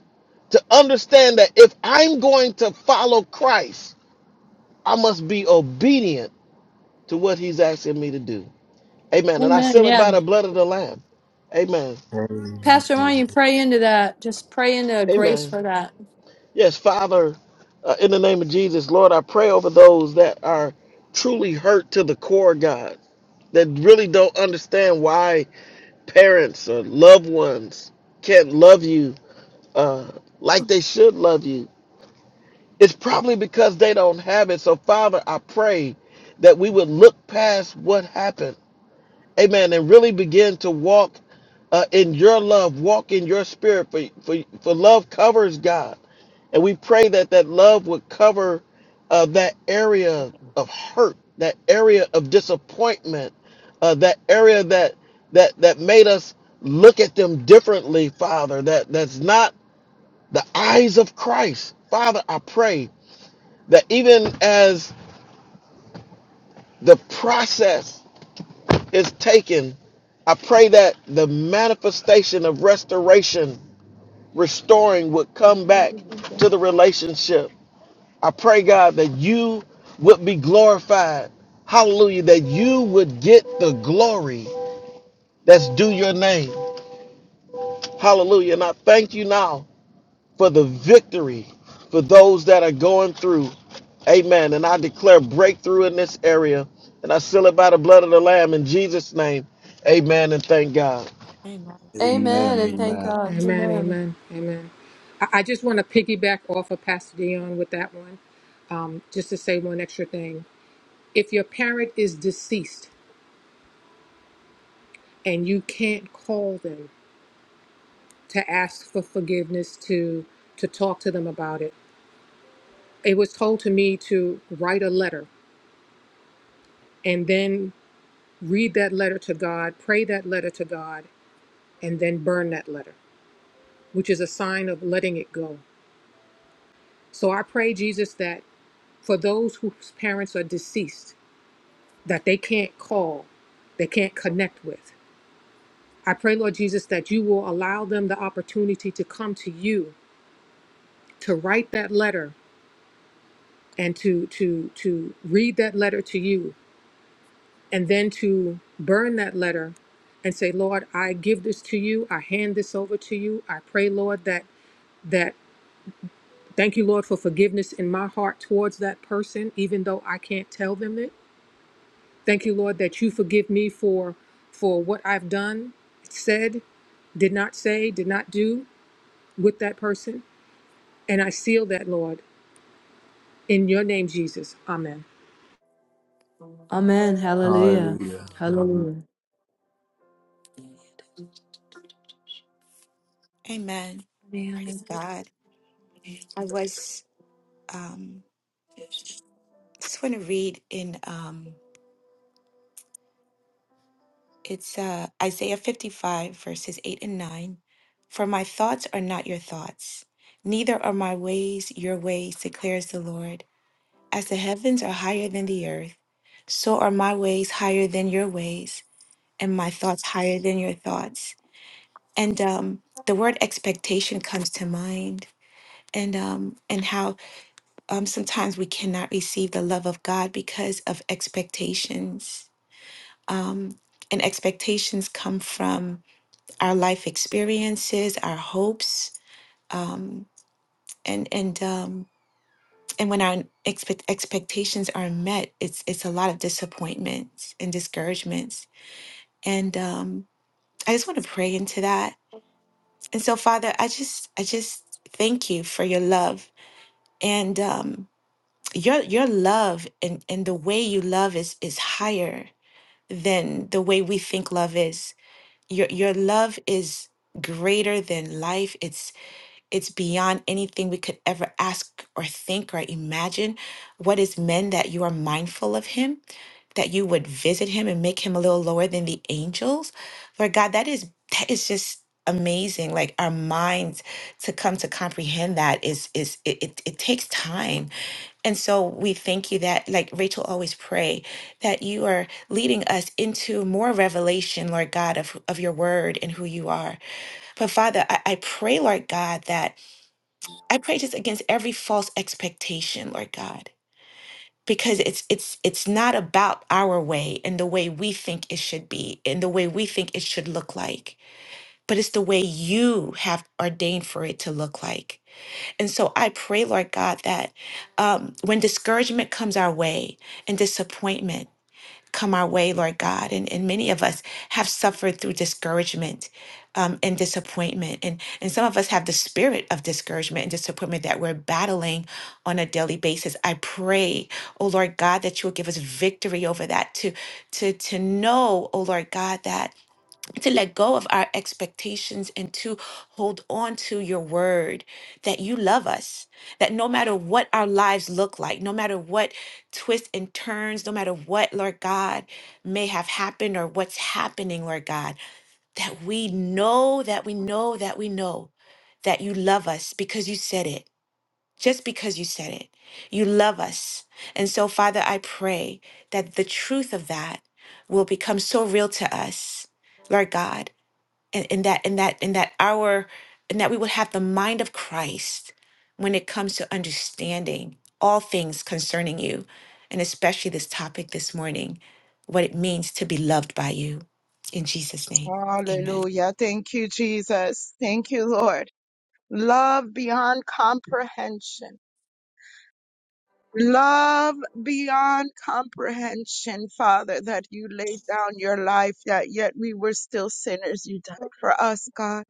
Speaker 5: to understand that if I'm going to follow Christ, I must be obedient to what he's asking me to do. Amen. And I
Speaker 1: Amen.
Speaker 5: seal
Speaker 1: Yeah.
Speaker 5: it by the blood of the Lamb. Amen.
Speaker 1: Pat-
Speaker 2: Amen.
Speaker 5: Amen. Yes, Father, uh, in the name of Jesus, Lord, I pray over those that are truly hurt to the core, God, that really don't understand why parents or loved ones can't love you uh, like they should love you. It's probably because they don't have it. So, Father, I pray that we would look past what happened amen, and really begin to walk uh, in your love, walk in your spirit, for, for, for love covers God. And we pray that that love would cover uh, that area of hurt, that area of disappointment, uh, that area that that that made us look at them differently, Father. That that's not the eyes of Christ, Father. I pray that even as the process is taken, I pray that the manifestation of restoration, restoring would come back to the relationship. I pray, God, that you would be glorified. Hallelujah. That you would get the glory that's due your name. Hallelujah. And I thank you now for the victory for those that are going through. Amen. And I declare breakthrough in this area. And I seal it by the blood of the Lamb in Jesus' name. Amen. And thank God.
Speaker 7: Amen.
Speaker 2: Amen.
Speaker 1: Amen. And
Speaker 7: Amen.
Speaker 1: thank
Speaker 2: Amen.
Speaker 1: God.
Speaker 6: Amen.
Speaker 1: Amen.
Speaker 6: Amen. Amen. I, I just want to piggyback off of Pastor Dion with that one, um, just to say one extra thing. If your parent is deceased and you can't call them to ask for forgiveness, to to talk to them about it, it was told to me to write a letter and then read that letter to God, pray that letter to God, and then burn that letter, which is a sign of letting it go. So I pray, Jesus, that for those whose parents are deceased, that they can't call, they can't connect with. I pray, Lord Jesus, that you will allow them the opportunity to come to you, to write that letter and to to to read that letter to you and then to burn that letter and say, Lord, I give this to you. I hand this over to you. I pray, Lord, that that thank you, Lord, for forgiveness in my heart towards that person, even though I can't tell them it. Thank you, Lord, that you forgive me for for what I've done, said, did not say, did not do with that person. And I seal that, Lord, in your name, Jesus. Amen.
Speaker 1: Amen. Hallelujah.
Speaker 2: Hallelujah. Amen.
Speaker 1: Hallelujah.
Speaker 7: Amen. Praise God. I was um just want to read in um it's uh Isaiah 55 verses 8 and 9. For my thoughts are not your thoughts, neither are my ways your ways, declares the Lord. As the heavens are higher than the earth, so are my ways higher than your ways, and my thoughts higher than your thoughts. And um the word expectation comes to mind and um and how um sometimes we cannot receive the love of God because of expectations um, and expectations come from our life experiences, our hopes, um, and and um, and when our expect- expectations are met, it's it's a lot of disappointments and discouragements. And um, I just want to pray into that. And so, Father, I just I just thank you for your love and um, your your love and and the way you love is is higher than the way we think love is your your love is greater than life it's it's beyond anything we could ever ask or think or imagine what is men that you are mindful of him that you would visit him and make him a little lower than the angels. Lord God, that is that is just amazing. Like our minds to come to comprehend that is is it, it, it takes time. And so we thank you that, like Rachel always pray, that you are leading us into more revelation, Lord God, of, of your word and who you are. But Father, I, I pray, Lord God, that I pray just against every false expectation, Lord God because it's it's it's not about our way and the way we think it should be and the way we think it should look like but it's the way you have ordained for it to look like and so i pray lord god that um, when discouragement comes our way and disappointment come our way, Lord God. And, and many of us have suffered through discouragement um, and disappointment. And, and some of us have the spirit of discouragement and disappointment that we're battling on a daily basis. I pray, oh Lord God, that you will give us victory over that, to, to, to know, oh Lord God, that to let go of our expectations and to hold on to your word that you love us that no matter what our lives look like no matter what twists and turns no matter what lord god may have happened or what's happening lord god that we know that we know that we know that you love us because you said it just because you said it you love us and so father i pray that the truth of that will become so real to us lord god and, and that and that and that our and that we would have the mind of Christ when it comes to understanding all things concerning you and especially this topic this morning what it means to be loved by you in Jesus name amen
Speaker 9: Hallelujah. Thank you, Jesus. Thank you, Lord. Love beyond comprehension. Love beyond comprehension, Father, that you laid down your life, that yet we were still sinners. You died for us, God,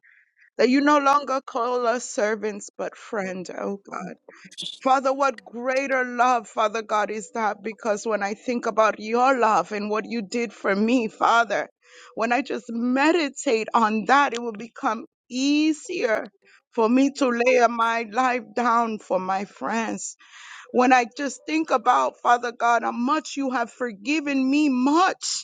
Speaker 9: that you no longer call us servants, but friend, oh God. Father, what greater love, Father God, is that? Because when I think about your love and what you did for me, Father, when I just meditate on that, it will become easier for me to lay my life down for my friends. When I just think about, Father God, how much you have forgiven me much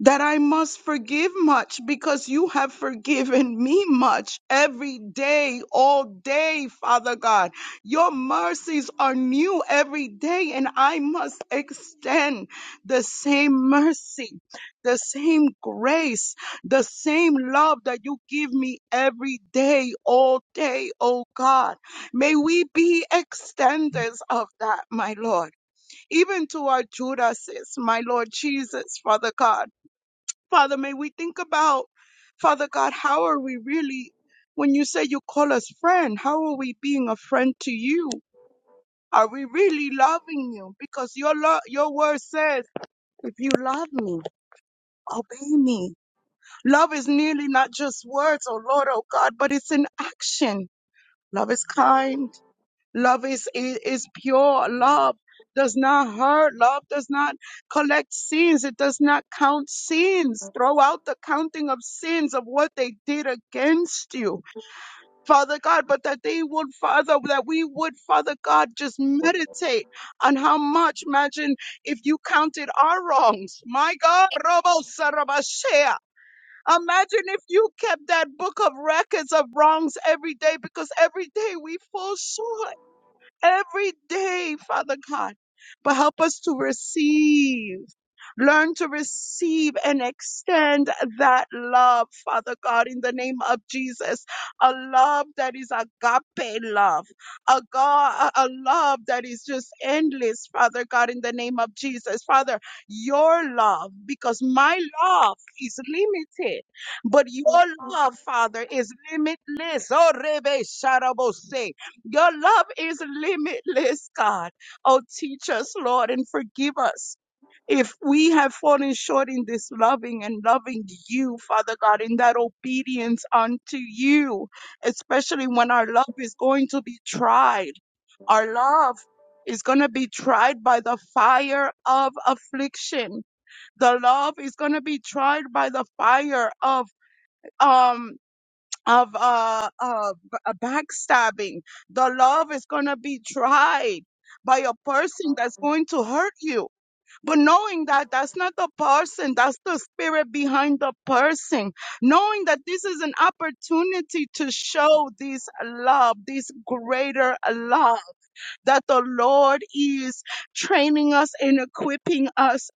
Speaker 9: that I must forgive much because you have forgiven me much every day, all day, Father God. Your mercies are new every day, and I must extend the same mercy, the same grace, the same love that you give me every day, all day, oh God. May we be extenders of that, my Lord, even to our Judases, my Lord Jesus, Father God. Father, may we think about, Father God, how are we really, when you say you call us friend, how are we being a friend to you? Are we really loving you? Because your lo- your word says, if you love me, obey me. Love is nearly not just words, oh Lord, oh God, but it's an action. Love is kind. Love is, is, is pure. Love does not hurt. Love does not collect sins. It does not count sins. Throw out the counting of sins of what they did against you, Father God, but that they would, Father, that we would, Father God, just meditate on how much, imagine if you counted our wrongs. My God, Robo Sarabashea. Imagine if you kept that book of records of wrongs every day because every day we fall short every day, Father God. But help us to receive, learn to receive and extend that love, Father God, in the name of Jesus. A love that is agape love, a God, a a love that is just endless, Father God, in the name of Jesus. Father, your love, because my love is limited, but your love, Father, is limitless. Oh, Rebe Sharabose. Your love is limitless, God. Oh, teach us, Lord, and forgive us if we have fallen short in this loving and loving you, Father God, in that obedience unto you, especially when our love is going to be tried. Our love is going to be tried by the fire of affliction. The love is going to be tried by the fire of, um of uh, of a backstabbing. The love is going to be tried by a person that's going to hurt you. But knowing that that's not the person, that's the spirit behind the person. Knowing that this is an opportunity to show this love, this greater love that the Lord is training us and equipping us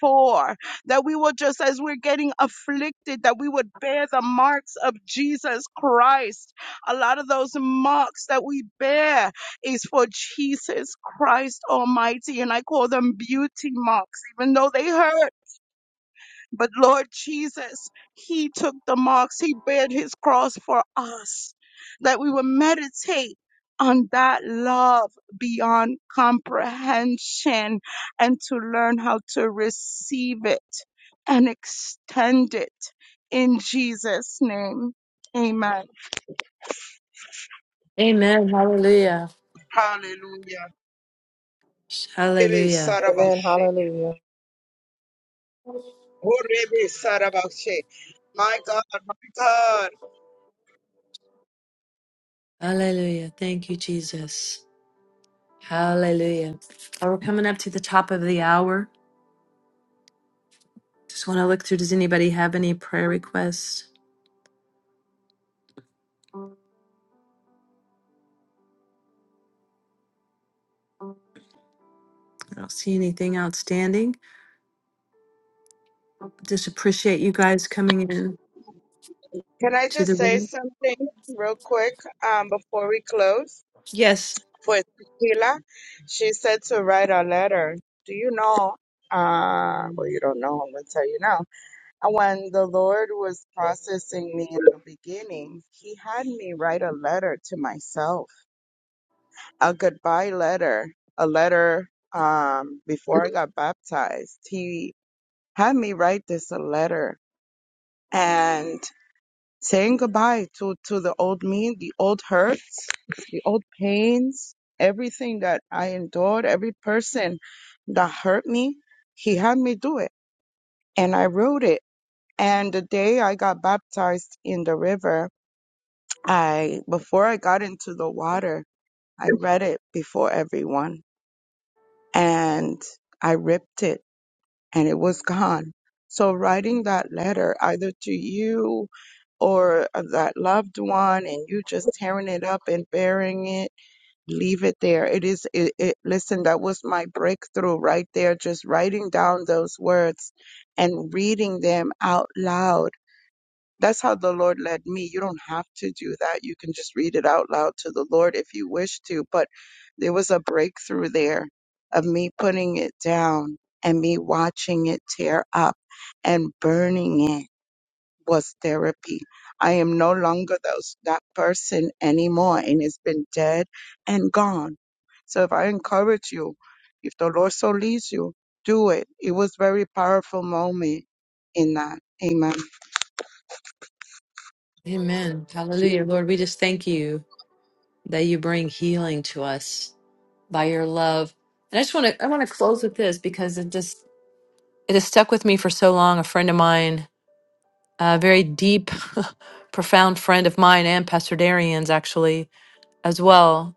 Speaker 9: for. That we will just, as we're getting afflicted, that we would bear the marks of Jesus Christ. A lot of those marks that we bear is for Jesus Christ Almighty. And I call them beauty marks, even though they hurt. But Lord Jesus, He took the marks, He bared His cross for us, that we would meditate on that love beyond comprehension and to learn how to receive it and extend it in Jesus' name. Amen.
Speaker 1: Amen. Hallelujah.
Speaker 9: Hallelujah. Rebe
Speaker 1: Hallelujah.
Speaker 9: sarabashe. Oh, rebe sarabashe. My God, my God.
Speaker 1: Hallelujah. Thank you, Jesus. Hallelujah. Well, we're coming up to the top of the hour. Just want to look through. Does anybody have any prayer requests? I don't see anything outstanding. Just appreciate you guys coming in
Speaker 9: Can I
Speaker 1: to
Speaker 9: just
Speaker 1: the
Speaker 9: say
Speaker 1: room.
Speaker 9: something real quick um, before we close?
Speaker 1: Yes,
Speaker 9: For Tequila, she said to write a letter. Do you know? Uh, well, you don't know. I'm going to tell you now. And when the Lord was processing me in the beginning, He had me write a letter to myself, a goodbye letter, a letter um, before I got baptized. He had me write this a letter. And saying goodbye to to the old me, the old hurts, the old pains, everything that I endured, every person that hurt me, he had me do it, and I wrote it. And the day I got baptized in the river, I before I got into the water, I read it before everyone, and I ripped it and it was gone. So writing that letter either to you or uh, that loved one and you just tearing it up and burying it, leave it there. It is, it, it, listen, that was my breakthrough right there, just writing down those words and reading them out loud that's how the Lord led me. You don't have to do that. You can just read it out loud to the Lord if you wish to. But there was a breakthrough there of me putting it down and me watching it tear up and burning it was therapy. I am no longer those, that person anymore and it's been dead and gone. So if I encourage you, if the Lord so leads you, do it. It was very powerful moment in that. Amen.
Speaker 1: Lord, we just thank you that you bring healing to us by your love. And I just want to I want to close with this because it just it has stuck with me for so long. A friend of mine, a very deep, profound friend of mine, and Pastor Darian's actually as well.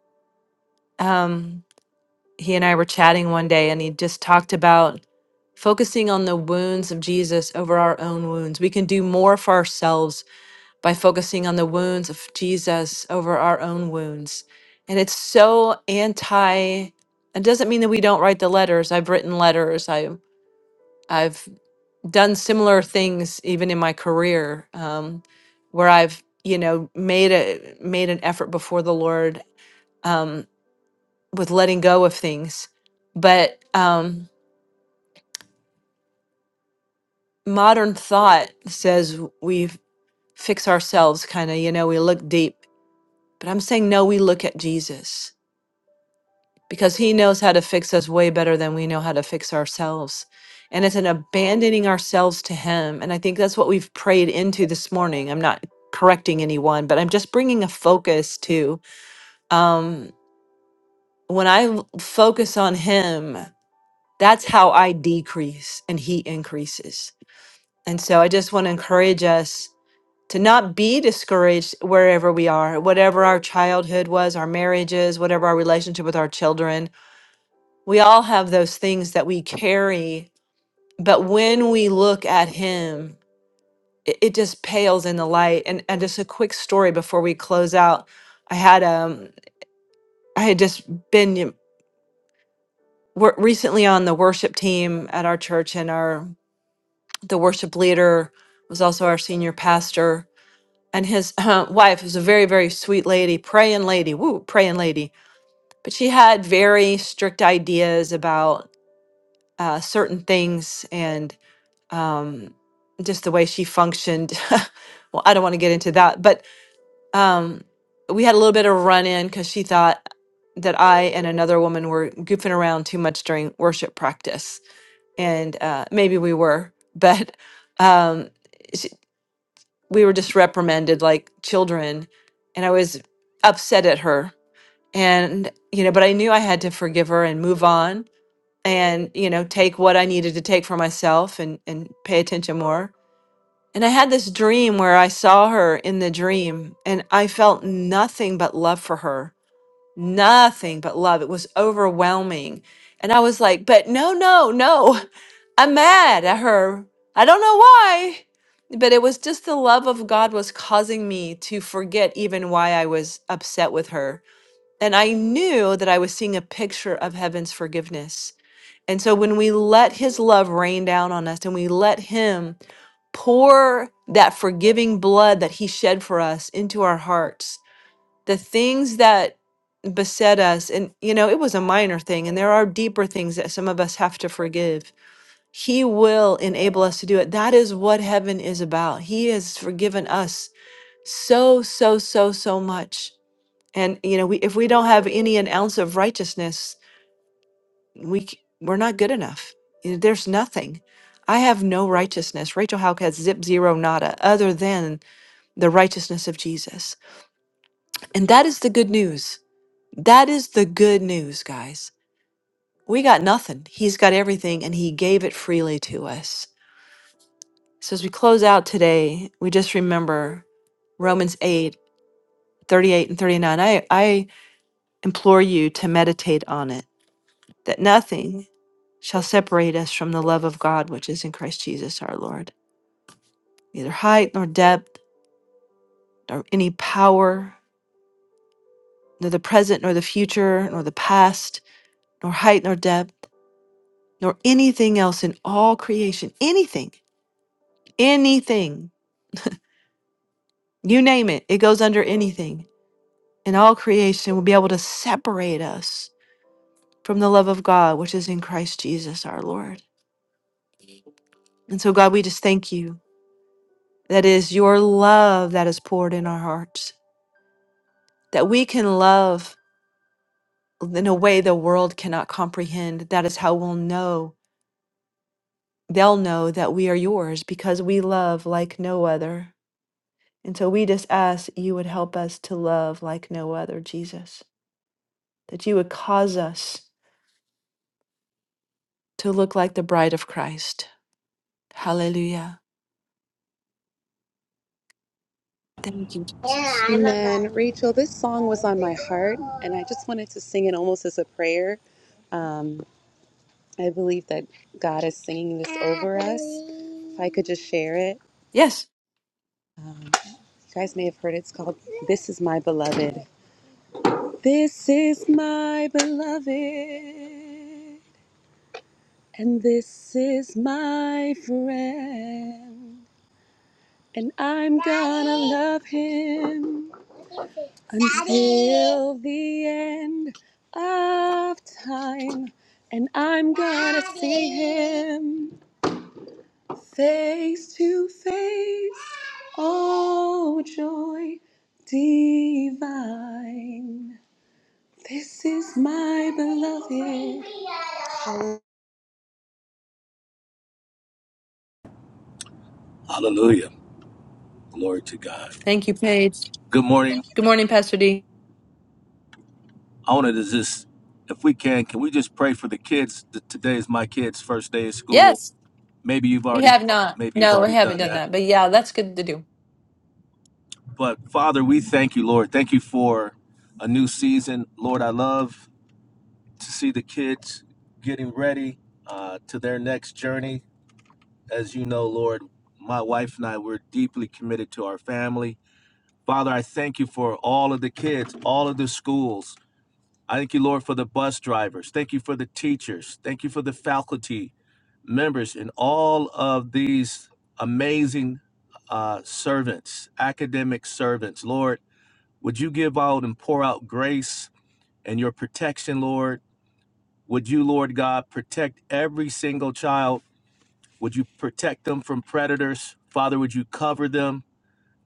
Speaker 1: Um, he and I were chatting one day, and he just talked about focusing on the wounds of Jesus over our own wounds. We can do more for ourselves by focusing on the wounds of Jesus over our own wounds. And it's so anti, it doesn't mean that we don't write the letters. I've written letters, I, I've done similar things even in my career um, where I've you know made a made an effort before the Lord um, with letting go of things. But um, modern thought says we fix ourselves kind of you know we look deep but i'm saying no we look at jesus because he knows how to fix us way better than we know how to fix ourselves and it's an abandoning ourselves to him and i think that's what we've prayed into this morning i'm not correcting anyone but i'm just bringing a focus to um when i l- focus on him that's how i decrease and he increases and so i just want to encourage us to not be discouraged wherever we are, whatever our childhood was, our marriages, whatever our relationship with our children. We all have those things that we carry, but when we look at Him, it, it just pales in the light. And, and just a quick story before we close out. I had um I had just been you know, wor- recently on the worship team at our church, and our the worship leader was also our senior pastor and his uh, wife was a very very sweet lady praying lady woo praying lady but she had very strict ideas about uh, certain things and um, just the way she functioned well i don't want to get into that but um, we had a little bit of a run-in because she thought that i and another woman were goofing around too much during worship practice and uh, maybe we were but um, we were just reprimanded like children and i was upset at her and you know but i knew i had to forgive her and move on and you know take what i needed to take for myself and and pay attention more and i had this dream where i saw her in the dream and i felt nothing but love for her nothing but love. It was overwhelming. And I was like, but no, no, no. I'm mad at her. I don't know why. But it was just the love of God was causing me to forget even why I was upset with her. And I knew that I was seeing a picture of heaven's forgiveness. And so when we let his love rain down on us and we let him pour that forgiving blood that he shed for us into our hearts, the things that beset us and you know it was a minor thing and there are deeper things that some of us have to forgive he will enable us to do it that is what heaven is about he has forgiven us so so so so much and you know we, if we don't have any an ounce of righteousness we c- we're not good enough You know, there's nothing i have no righteousness rachel houck has zip zero nada other than the righteousness of jesus and that is the good news That is the good news, guys. We got nothing. He's got everything and he gave it freely to us. So as we close out today, we just remember Romans 8 38 and 39. I, I implore you to meditate on it, that nothing shall separate us from the love of God which is in Christ Jesus our Lord. Neither height nor depth, nor any power, nor the present nor the future, nor the past, nor height nor depth, nor anything else in all creation, anything Anything, you name it, it goes under anything. And all creation will be able to separate us from the love of God, which is in Christ Jesus our Lord. And so, God, we just thank you that it is your love that is poured in our hearts, that we can love in a way the world cannot comprehend. That is how we'll know, they'll know that we are yours because we love like no other. And so we just ask you would help us to love like no other, Jesus, that you would cause us to look like the bride of Christ. Hallelujah. Thank you, Jesus.
Speaker 3: Amen. Rachel, this song was on my heart, and I just wanted to sing it almost as a prayer. Um, I believe that God is singing this over us. If I could just share it,
Speaker 1: Yes.
Speaker 3: you guys may have heard it. It's called This Is My Beloved. This is my beloved, and this is my friend, and I'm gonna love him until the end of time, and I'm gonna see him face to face. Oh, joy divine, this is my beloved.
Speaker 10: Hallelujah. Glory to God.
Speaker 1: Thank you, Paige.
Speaker 10: Good morning.
Speaker 1: Good morning, Pastor D.
Speaker 10: I wanted to just, if we can, can we just pray for the kids? Th- Today is my kid's first day of school.
Speaker 1: Yes,
Speaker 10: Maybe you've
Speaker 1: we
Speaker 10: already,
Speaker 1: have not.
Speaker 10: maybe you've
Speaker 1: No, we
Speaker 10: already
Speaker 1: haven't
Speaker 10: done
Speaker 1: done
Speaker 10: that.
Speaker 1: that. But yeah, that's good to do.
Speaker 10: But Father, we thank you, Lord. Thank you for a new season. Lord, I love to see the kids getting ready uh, to their next journey. As you know, Lord, my wife and I, we're deeply committed to our family. Father, I thank you for all of the kids, all of the schools, I thank you, Lord, for the bus drivers. Thank you for the teachers. Thank you for the faculty members and all of these amazing uh, servants, academic servants. Lord, would you give out and pour out grace and your protection, Lord? Would you, Lord God, protect every single child? Would you protect them from predators? Father, would you cover them?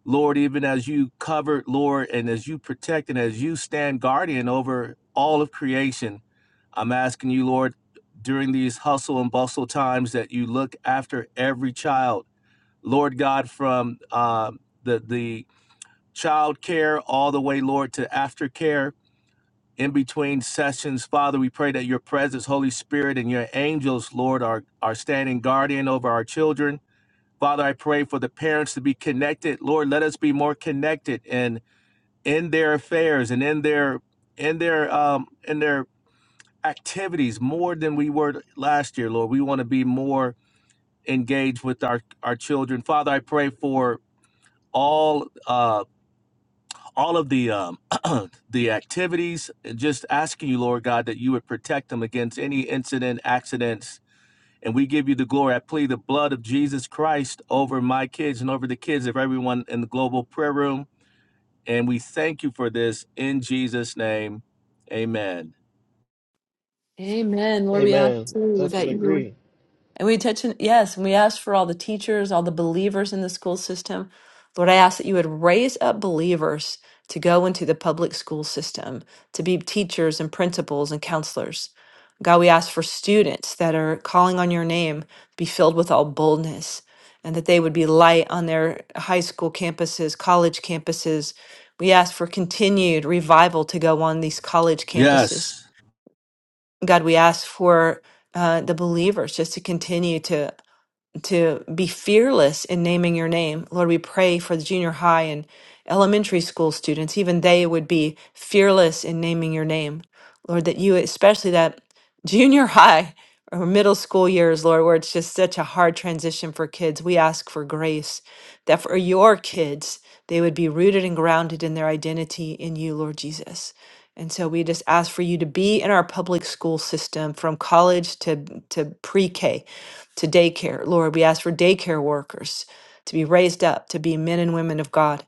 Speaker 10: Lord, even as you covered, Lord, and as you protect and as you stand guardian over all of creation, I'm asking you, Lord, during these hustle and bustle times that you look after every child, Lord God, from um, the the child care all the way, Lord, to aftercare. In between sessions, Father, we pray that your presence, Holy Spirit, and your angels, Lord, are, are standing guardian over our children Father, I pray for the parents to be connected. Lord, let us be more connected and in their affairs and in their in their um in their activities more than we were last year, Lord. We want to be more engaged with our our children. Father, I pray for all uh all of the um the activities and just asking you lord god that you would protect them against any incident accidents And we give you the glory. I plead the blood of Jesus Christ over my kids and over the kids of everyone in the global prayer room. And we thank you for this in Jesus' name. Amen.
Speaker 1: Amen. Lord, we ask
Speaker 5: Amen.
Speaker 1: too
Speaker 5: Touch and
Speaker 1: that you would
Speaker 5: agree.
Speaker 1: And we touch, on- yes, and we ask for all the teachers, all the believers in the school system. Lord, I ask that you would raise up believers to go into the public school system, to be teachers and principals and counselors. God, we ask for students that are calling on your name be filled with all boldness and that they would be light on their high school campuses, college campuses. We ask for continued revival to go on these college campuses.
Speaker 10: Yes.
Speaker 1: God, we ask for uh, the believers just to continue to to be fearless in naming your name. Lord, we pray for the junior high and elementary school students, even they would be fearless in naming your name. Lord, that you, especially that junior high or middle school years, Lord, where it's just such a hard transition for kids, we ask for grace that for your kids, they would be rooted and grounded in their identity in you, Lord Jesus. And so we just ask for you to be in our public school system from college to, to pre K to daycare. Lord, we ask for daycare workers to be raised up to be men and women of God.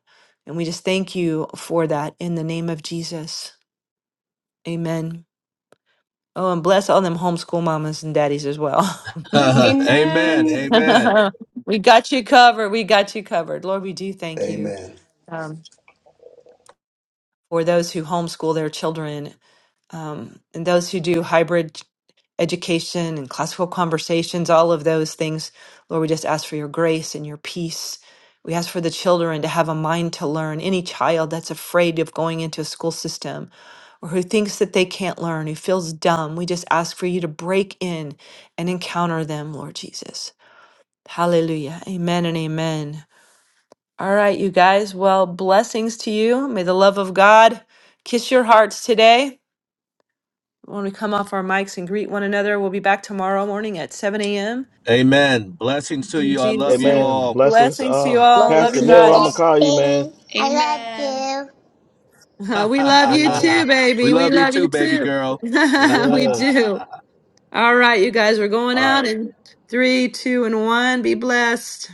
Speaker 1: And we just thank you for that in the name of Jesus. Amen. Oh, and bless all them homeschool mamas and daddies as well.
Speaker 10: amen.
Speaker 3: Amen.
Speaker 10: Amen.
Speaker 1: we got you covered. We got you covered. Lord, we do thank you
Speaker 2: Amen.
Speaker 1: um, for those who homeschool their children um, and those who do hybrid. education and classical conversations, all of those things. Lord, we just ask for your grace and your peace. We ask for the children to have a mind to learn. Any child that's afraid of going into a school system or who thinks that they can't learn, who feels dumb, we just ask for you to break in and encounter them, Lord Jesus. Hallelujah. Amen and amen. All right, you guys. Well, blessings to you. May the love of God kiss your hearts today. When we come off our mics and greet one another, we'll be back tomorrow morning at 7 a.m.
Speaker 10: Amen. Blessings to
Speaker 1: In
Speaker 10: you. I love
Speaker 1: Jesus'
Speaker 10: you
Speaker 1: name.
Speaker 5: Amen.
Speaker 10: all.
Speaker 5: Blessings to
Speaker 1: Blessings to you
Speaker 5: all.
Speaker 1: all. Love
Speaker 5: Pastor
Speaker 1: you
Speaker 5: Neil, I'm gonna
Speaker 3: Yes,
Speaker 1: guys.
Speaker 5: call you, man.
Speaker 3: thing. I love you.
Speaker 1: we love you
Speaker 5: Amen.
Speaker 1: too,
Speaker 10: we
Speaker 1: baby. We
Speaker 10: love you
Speaker 1: love
Speaker 10: too,
Speaker 1: you
Speaker 10: baby
Speaker 1: too.
Speaker 10: girl.
Speaker 1: we
Speaker 5: Yeah.
Speaker 1: do. All right, you guys, we're going
Speaker 10: All right.
Speaker 1: out in three, two, and one. Be blessed.